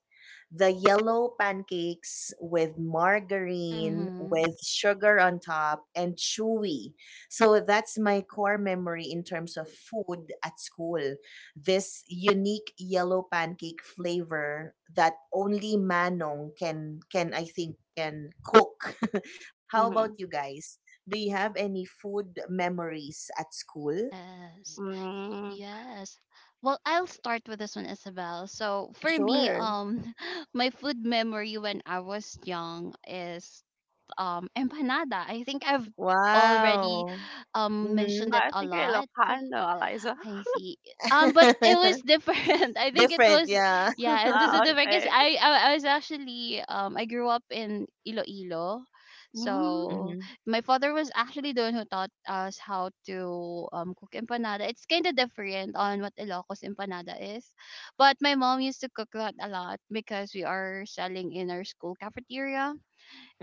S1: the yellow pancakes with margarine
S2: Mhm.
S1: with sugar on top and chewy. So that's my core memory in terms of food at school, this unique yellow pancake flavor that only Manong can, I think can cook. How about you
S3: mhm,
S1: guys? Do you have any food memories at school?
S2: Yes.
S3: hmm.
S2: Yes. Well, I'll start with this one, Isabel. So for me,
S1: Sure.
S2: my food memory when I was young is empanada. I think I've already
S1: Wow. Mm-hmm.
S2: mentioned it
S3: I
S2: a
S3: think you're
S2: lot.
S3: Ilocano, Eliza.
S2: I see. But it was different. I think it
S1: Different,
S2: was,
S1: yeah.
S2: Yeah, it was a
S3: Ah,
S2: different. Cause
S3: okay.
S2: I grew up in Iloilo,
S3: Hmm,
S2: so
S1: Mhm.
S2: my father was actually the one who taught us how to cook empanada. It's kind of different on what Ilocos empanada is, but my mom used to cook that a lot because we are selling in our school cafeteria,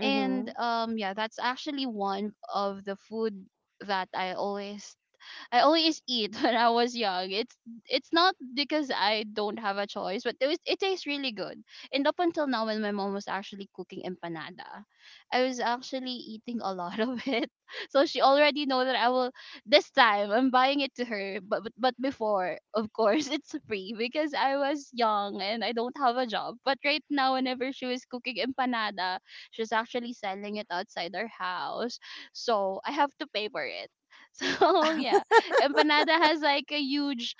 S2: and yeah, that's actually one of the food that I always eat when I was young. It's not because I don't have a choice, but it tastes really good. And up until now, when my mom was actually cooking empanada, I was actually eating a lot of it. So she already know that I will this time I'm buying it to her. But before, of course, it's free because I was young and I don't have a job. But right now, whenever she was cooking empanada, she's actually selling it outside our house. So I have to pay for it. So yeah, empanada has like a huge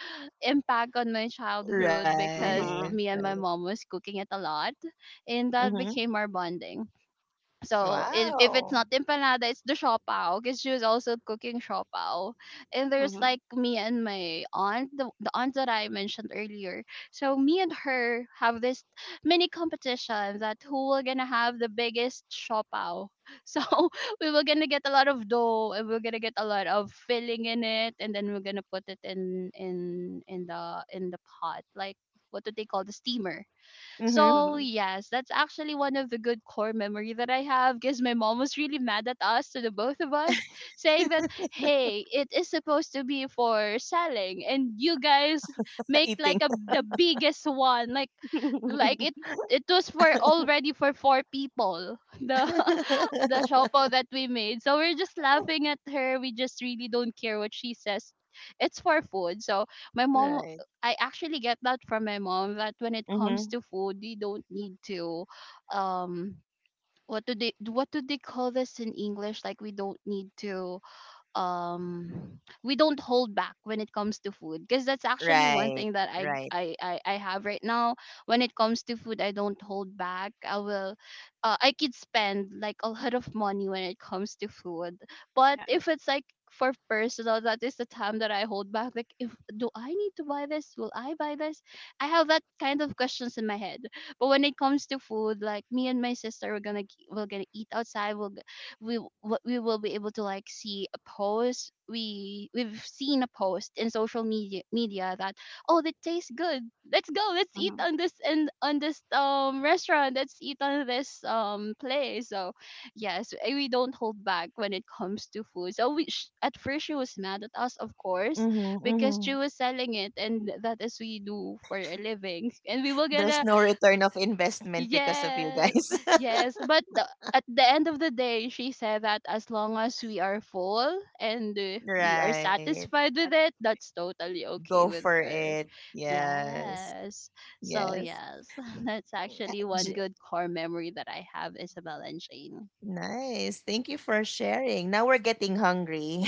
S2: impact on my childhood because
S1: Right.
S3: mhm,
S2: me and my
S1: Right.
S2: mom was cooking it a lot, and that
S1: Mhm.
S2: became our bonding. So if it's
S1: Wow.
S2: not empanada, it's the siopao, because she was also cooking siopao. And there's
S3: mhm,
S2: like me and my aunt, the aunt that I mentioned earlier. So me and her have this mini competition that who will gonna have the biggest siopao. So we were gonna get a lot of dough, and we're gonna get a lot of filling in it, and then we're gonna put it in the pot, like, what do they call, the steamer?
S1: Mhm.
S2: So
S3: mhm.
S2: yes, that's actually one of the good core memory that I have, because my mom was really mad at us, to the both of us, saying that, hey, it is supposed to be for selling, and you guys make like
S1: Eating.
S2: a the biggest one, like, like it it was for already for four people. the the shopo that we made. So we're just laughing at her, we just really don't care what she says, it's for food. So my mom
S1: Right.
S2: I actually get that from my mom, that when it comes
S1: Mhm.
S2: to food, you don't need to um what do they, what do they call this in English? Like, we don't need to, we don't hold back when it comes to food, because that's actually one
S1: Right.
S2: thing that I,
S1: Right.
S2: I i i have right now. When it comes to food, I don't hold back. I could spend like a lot of money when it comes to food. But
S3: Yeah, that
S2: if it's like for personal, that is the time that I hold back. Like, if do I need to buy this, will I buy this? I have that kind of questions in my head. But when it comes to food, like, me and my sister, we're we're gonna eat outside. We will be able to, like, see a post we we've seen a post in social media that, oh, that tastes good, let's go, let's eat
S3: mhm,
S2: on this and on this, restaurant, let's eat on this, place. So yes, we don't hold back when it comes to food. So at first she was mad at us, of course,
S1: Mhm. Mhm.
S2: because she was selling it, and that is we do for a living, and we will get
S1: There's
S2: to—
S1: no return of investment because of you
S2: Yes,
S1: guys.
S2: yes. But at the end of the day, she said that as long as we are full and we are
S1: Right.
S2: satisfied with
S3: yeah, that
S2: it, that's totally okay
S1: Go
S2: with
S1: for
S2: her.
S1: it. Yes.
S2: Yes. So,
S1: Yes.
S2: yes, that's actually one good core memory that I have, Isabel and Shane.
S1: Nice. Thank you for sharing. Now we're getting hungry.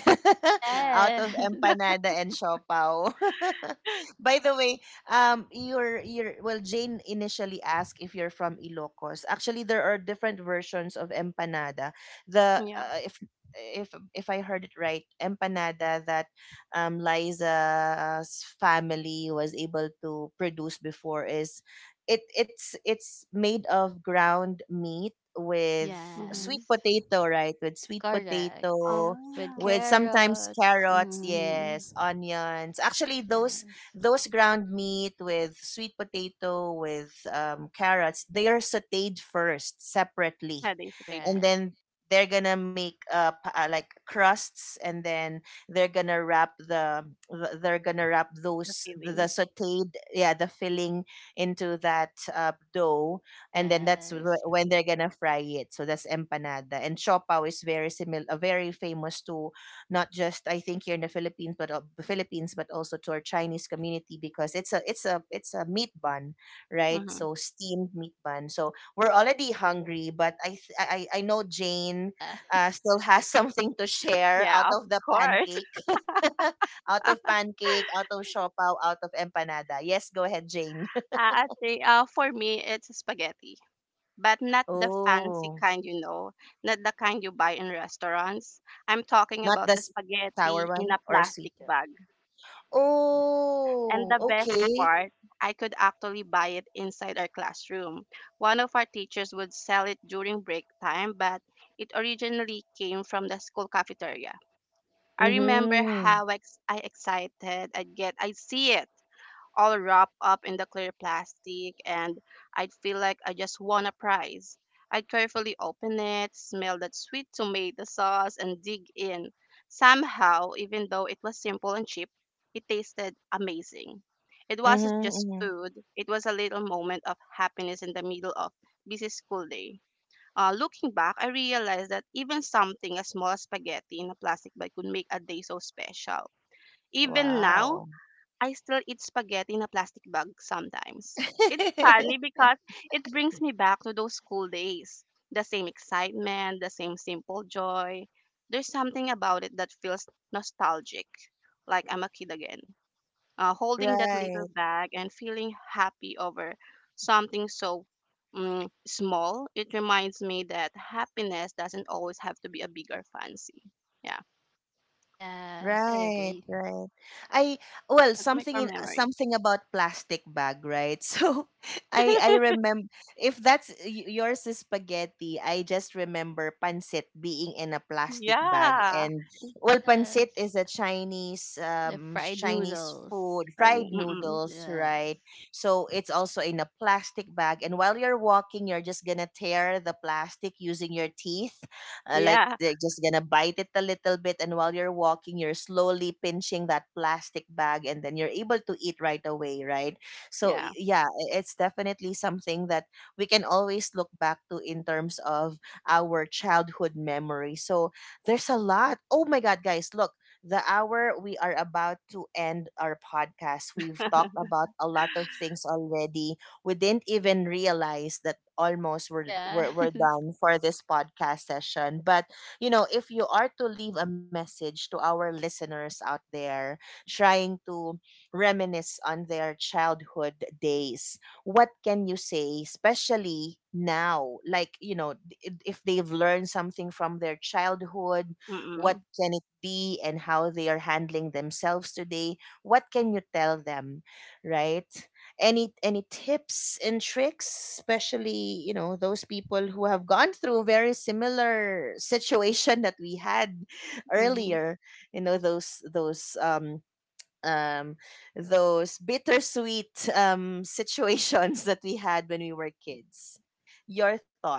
S3: yeah, yeah,
S1: Out of
S2: Yes.
S1: empanada and siopao. By the way, your well, Jane initially asked if you're from Ilocos. Actually, there are different versions of empanada. The
S3: yeah,
S1: if If I heard it right, empanada that, Liza's family was able to produce before is it's made of ground meat with sweet
S3: mhm.
S2: Yes.
S1: potato, right? With sweet
S2: Correct.
S1: potato,
S2: With
S3: Ah,
S1: with sometimes
S2: carrots.
S1: carrots,
S2: Mm.
S1: yes, onions. Actually, those
S2: Yes.
S1: ground meat with sweet potato with, carrots, they are sautéed first separately,
S3: yeah, to stayed
S1: and
S2: Correct.
S3: first,
S1: then they're gonna make, like crusts, and then they're gonna wrap the they're gonna wrap
S3: the
S1: those, the
S3: feeling.
S1: sautéed, yeah, the filling into that, dough, and then that's
S2: Yes.
S1: when they're gonna fry it. So that's empanada. And siopaw is very similar, very famous to not just, I think, here in the Philippines, but also to our Chinese community because it's a meat bun, right?
S3: Mhm.
S1: So steamed meat bun. So we're already hungry, but I th- I know Jane,
S2: Yeah.
S1: still has something to share out
S3: Yeah, of
S1: of the
S3: course.
S1: pancake, out of pancake, out of siopaw, out of empanada. Yes, go ahead, Jane.
S3: I think for me, it's spaghetti, but not the fancy
S1: Oh,
S3: kind, you know, not the kind you buy in restaurants. I'm talking
S1: not
S3: about
S1: the
S3: the
S1: sour
S3: spaghetti in
S1: one
S3: a
S1: or
S3: plastic
S1: sweet one.
S3: bag. And
S1: Oh,
S3: the best
S1: okay.
S3: part, I could actually buy it inside our classroom. One of our teachers would sell it during break time, but it originally came from the school cafeteria. I remember
S1: Mm-hmm.
S3: how I excited I'd get I'd see it all wrapped up in the clear plastic, and I'd feel like I just won a prize. I'd carefully open it, smell that sweet tomato sauce, and dig in. Somehow, even though it was simple and cheap, it tasted amazing. It wasn't just
S1: Mm-hmm. Hmm.
S3: food, it was a little moment of happiness in the middle of busy school day. Looking back, I realized that even something as small as spaghetti in a plastic bag could make a day so special. Even now,
S1: Wow.
S3: I still eat spaghetti in a plastic bag sometimes. It's funny because it brings me back to those school days. The same excitement, the same simple joy. There's something about it that feels nostalgic, like I'm a kid again, holding that
S1: Right.
S3: little bag and feeling happy over something so mm, small. It reminds me that happiness doesn't always have to be a bigger fancy. Yeah,
S2: Yes, I
S1: Right,
S2: agree.
S1: right. I well,
S3: that's my
S1: something
S3: core
S1: in,
S3: memory.
S1: something about plastic bag, right? So I remember, if that's yours is spaghetti, I just remember pancit being in a plastic bag.
S3: Yeah.
S1: And well, pancit
S2: Yes.
S1: is a Chinese
S2: The fried
S1: Chinese
S2: noodles.
S1: food,
S3: Right.
S1: fried noodles, right?
S2: Yes.
S1: So it's also in a plastic bag, and while you're walking, you're just going to tear the plastic using your teeth, like
S3: Yeah,
S1: they're just gonna bite it a little bit, and while you're walking you're slowly pinching that plastic bag, and then you're able to eat right away, right? So
S3: yeah.
S1: it's definitely something that we can always look back to in terms of our childhood memory. So there's a lot. Oh my god, guys, look, the hour, we are about to end our podcast. We've talked about a lot of things already. We didn't even realize that almost we're,
S2: Yes.
S1: we're, we're done for this podcast session. But, you know, if you are to leave a message to our listeners out there trying to reminisce on their childhood days, what can you say, especially now? Like, you know, if they've learned something from their childhood, what
S3: Mm-mm,
S1: can it be, and how they are handling themselves today? What can you tell them, right? Any tips and tricks, especially, you know, those people who have gone through a very similar situation that we had
S3: mm-hmm.
S1: earlier. You know, those um those bittersweet situations that we had when we were kids. Your thought,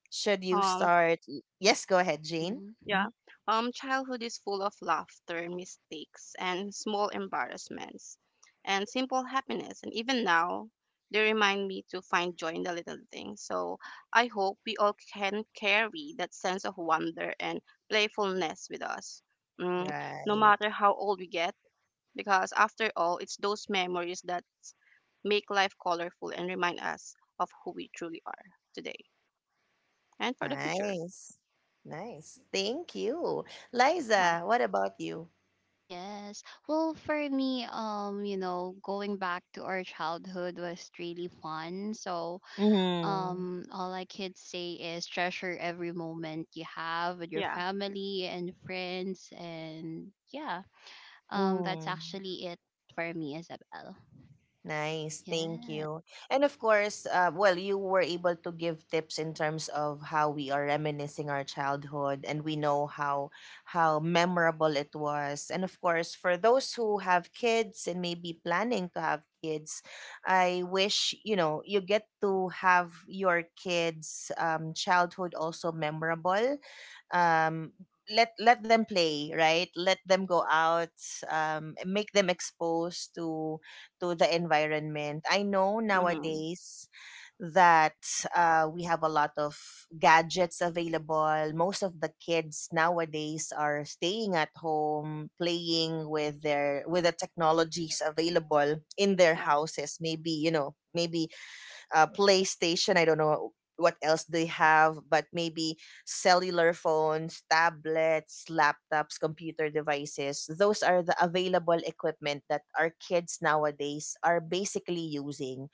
S1: should you
S3: Um,
S1: start? Yes, go ahead, Jane.
S2: Mhm.
S3: yeah.
S1: Mhm.
S3: Childhood is full of laughter, mistakes, and small embarrassments, and simple happiness. And even now, they remind me to find joy in the little things. So I hope we all can carry that sense of wonder and playfulness with us, mm, no
S1: Right.
S3: matter how old we get, because after all, it's those memories that make life colorful and remind us of who we truly are today. And for the future.
S1: Nice, nice, thank you.
S3: Yeah.
S1: Liza, what about you?
S2: Yes. Well, for me, you know, going back to our childhood was really fun. So,
S1: Mhm.
S2: all I could say is treasure every moment you have with your
S3: Yeah.
S2: family and friends, and yeah, that's
S1: Mm,
S2: actually it for me, Isabel.
S1: nice, thank
S2: Yes.
S1: you. And of course, well, you were able to give tips in terms of how we are reminiscing our childhood, and we know how memorable it was. And of course, for those who have kids and maybe planning to have kids, I wish, you know, you get to have your kids' childhood also memorable. um, Let let them play, right? Let them go out. Make them exposed to the environment. I know
S3: Hmm.
S1: nowadays that we have a lot of gadgets available. Most of the kids nowadays are staying at home playing with their with the technologies available in their
S3: Yeah.
S1: houses. Maybe, you know, maybe PlayStation. I don't know what else they have, but maybe cellular phones, tablets, laptops, computer devices. Those are the available equipment that our kids nowadays are basically using.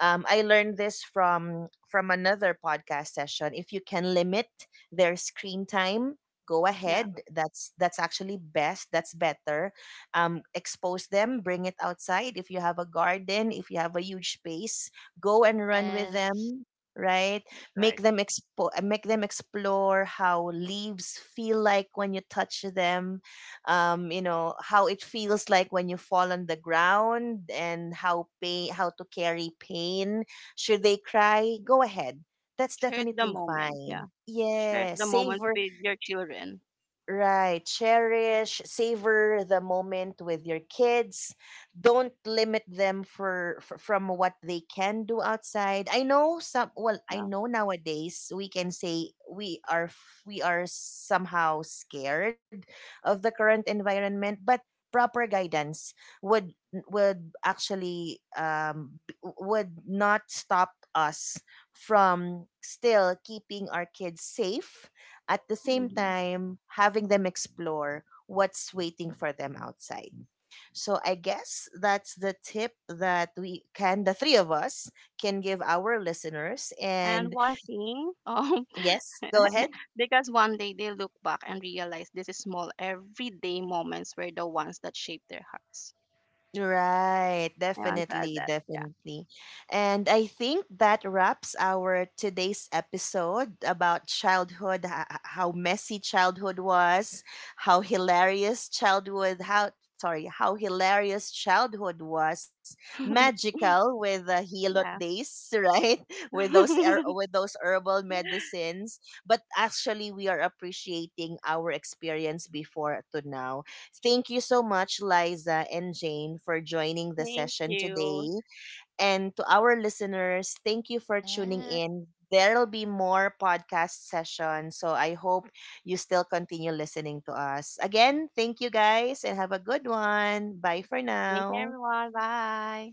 S1: I learned this from another podcast session. If you can limit their screen time, go
S3: Yeah.
S1: ahead. That's actually best. That's better. Expose them. Bring it outside. If you have a garden, if you have a huge space, go and run with
S2: Yes.
S1: them, right?
S3: That's right.
S1: Make them make them explore how leaves feel like when you touch them. Um, you know how it feels like when you fall on the ground and how pain, how to carry pain. Should they cry, go ahead. That's
S3: Cherish the
S1: definitely
S3: moment. Yeah.
S1: fine.
S3: Cherish
S1: Yeah,
S3: the moment
S1: savor.
S3: with your children.
S1: Right. Cherish, savor the moment with your kids. Don't limit them for, f from what they can do outside. I know some, well, I
S3: Yeah.
S1: know nowadays we can say we are we are somehow scared of the current environment, but proper guidance would actually would not stop us from still keeping our kids safe, at the same
S3: Hmm.
S1: time having them explore what's waiting for them outside. So I guess that's the tip that we can, the 3 of us, can give our listeners.
S3: And
S1: And
S3: one thing,
S1: yes, go ahead.
S3: because one day they look back and realize this is small everyday moments were the ones that shape their hearts.
S1: Right,
S3: I want to add
S1: definitely,
S3: that. Yeah.
S1: definitely. And I think that wraps our today's episode about childhood, how messy childhood was, how hilarious childhood, how, sorry, how hilarious childhood was, magical with the hilot
S3: Yeah.
S1: days, right? With those herbal medicines, but actually we are appreciating our experience before to now. Thank you so much, Liza and Jane, for joining the
S3: Thank
S1: session
S3: you.
S1: today. And to our listeners, thank you for tuning
S2: Yes.
S1: in. There'll be more podcast sessions, so I hope you still continue listening to us. Again, thank you, guys, and have a good one. Bye for
S3: Thank you,
S1: now.
S3: everyone. Bye.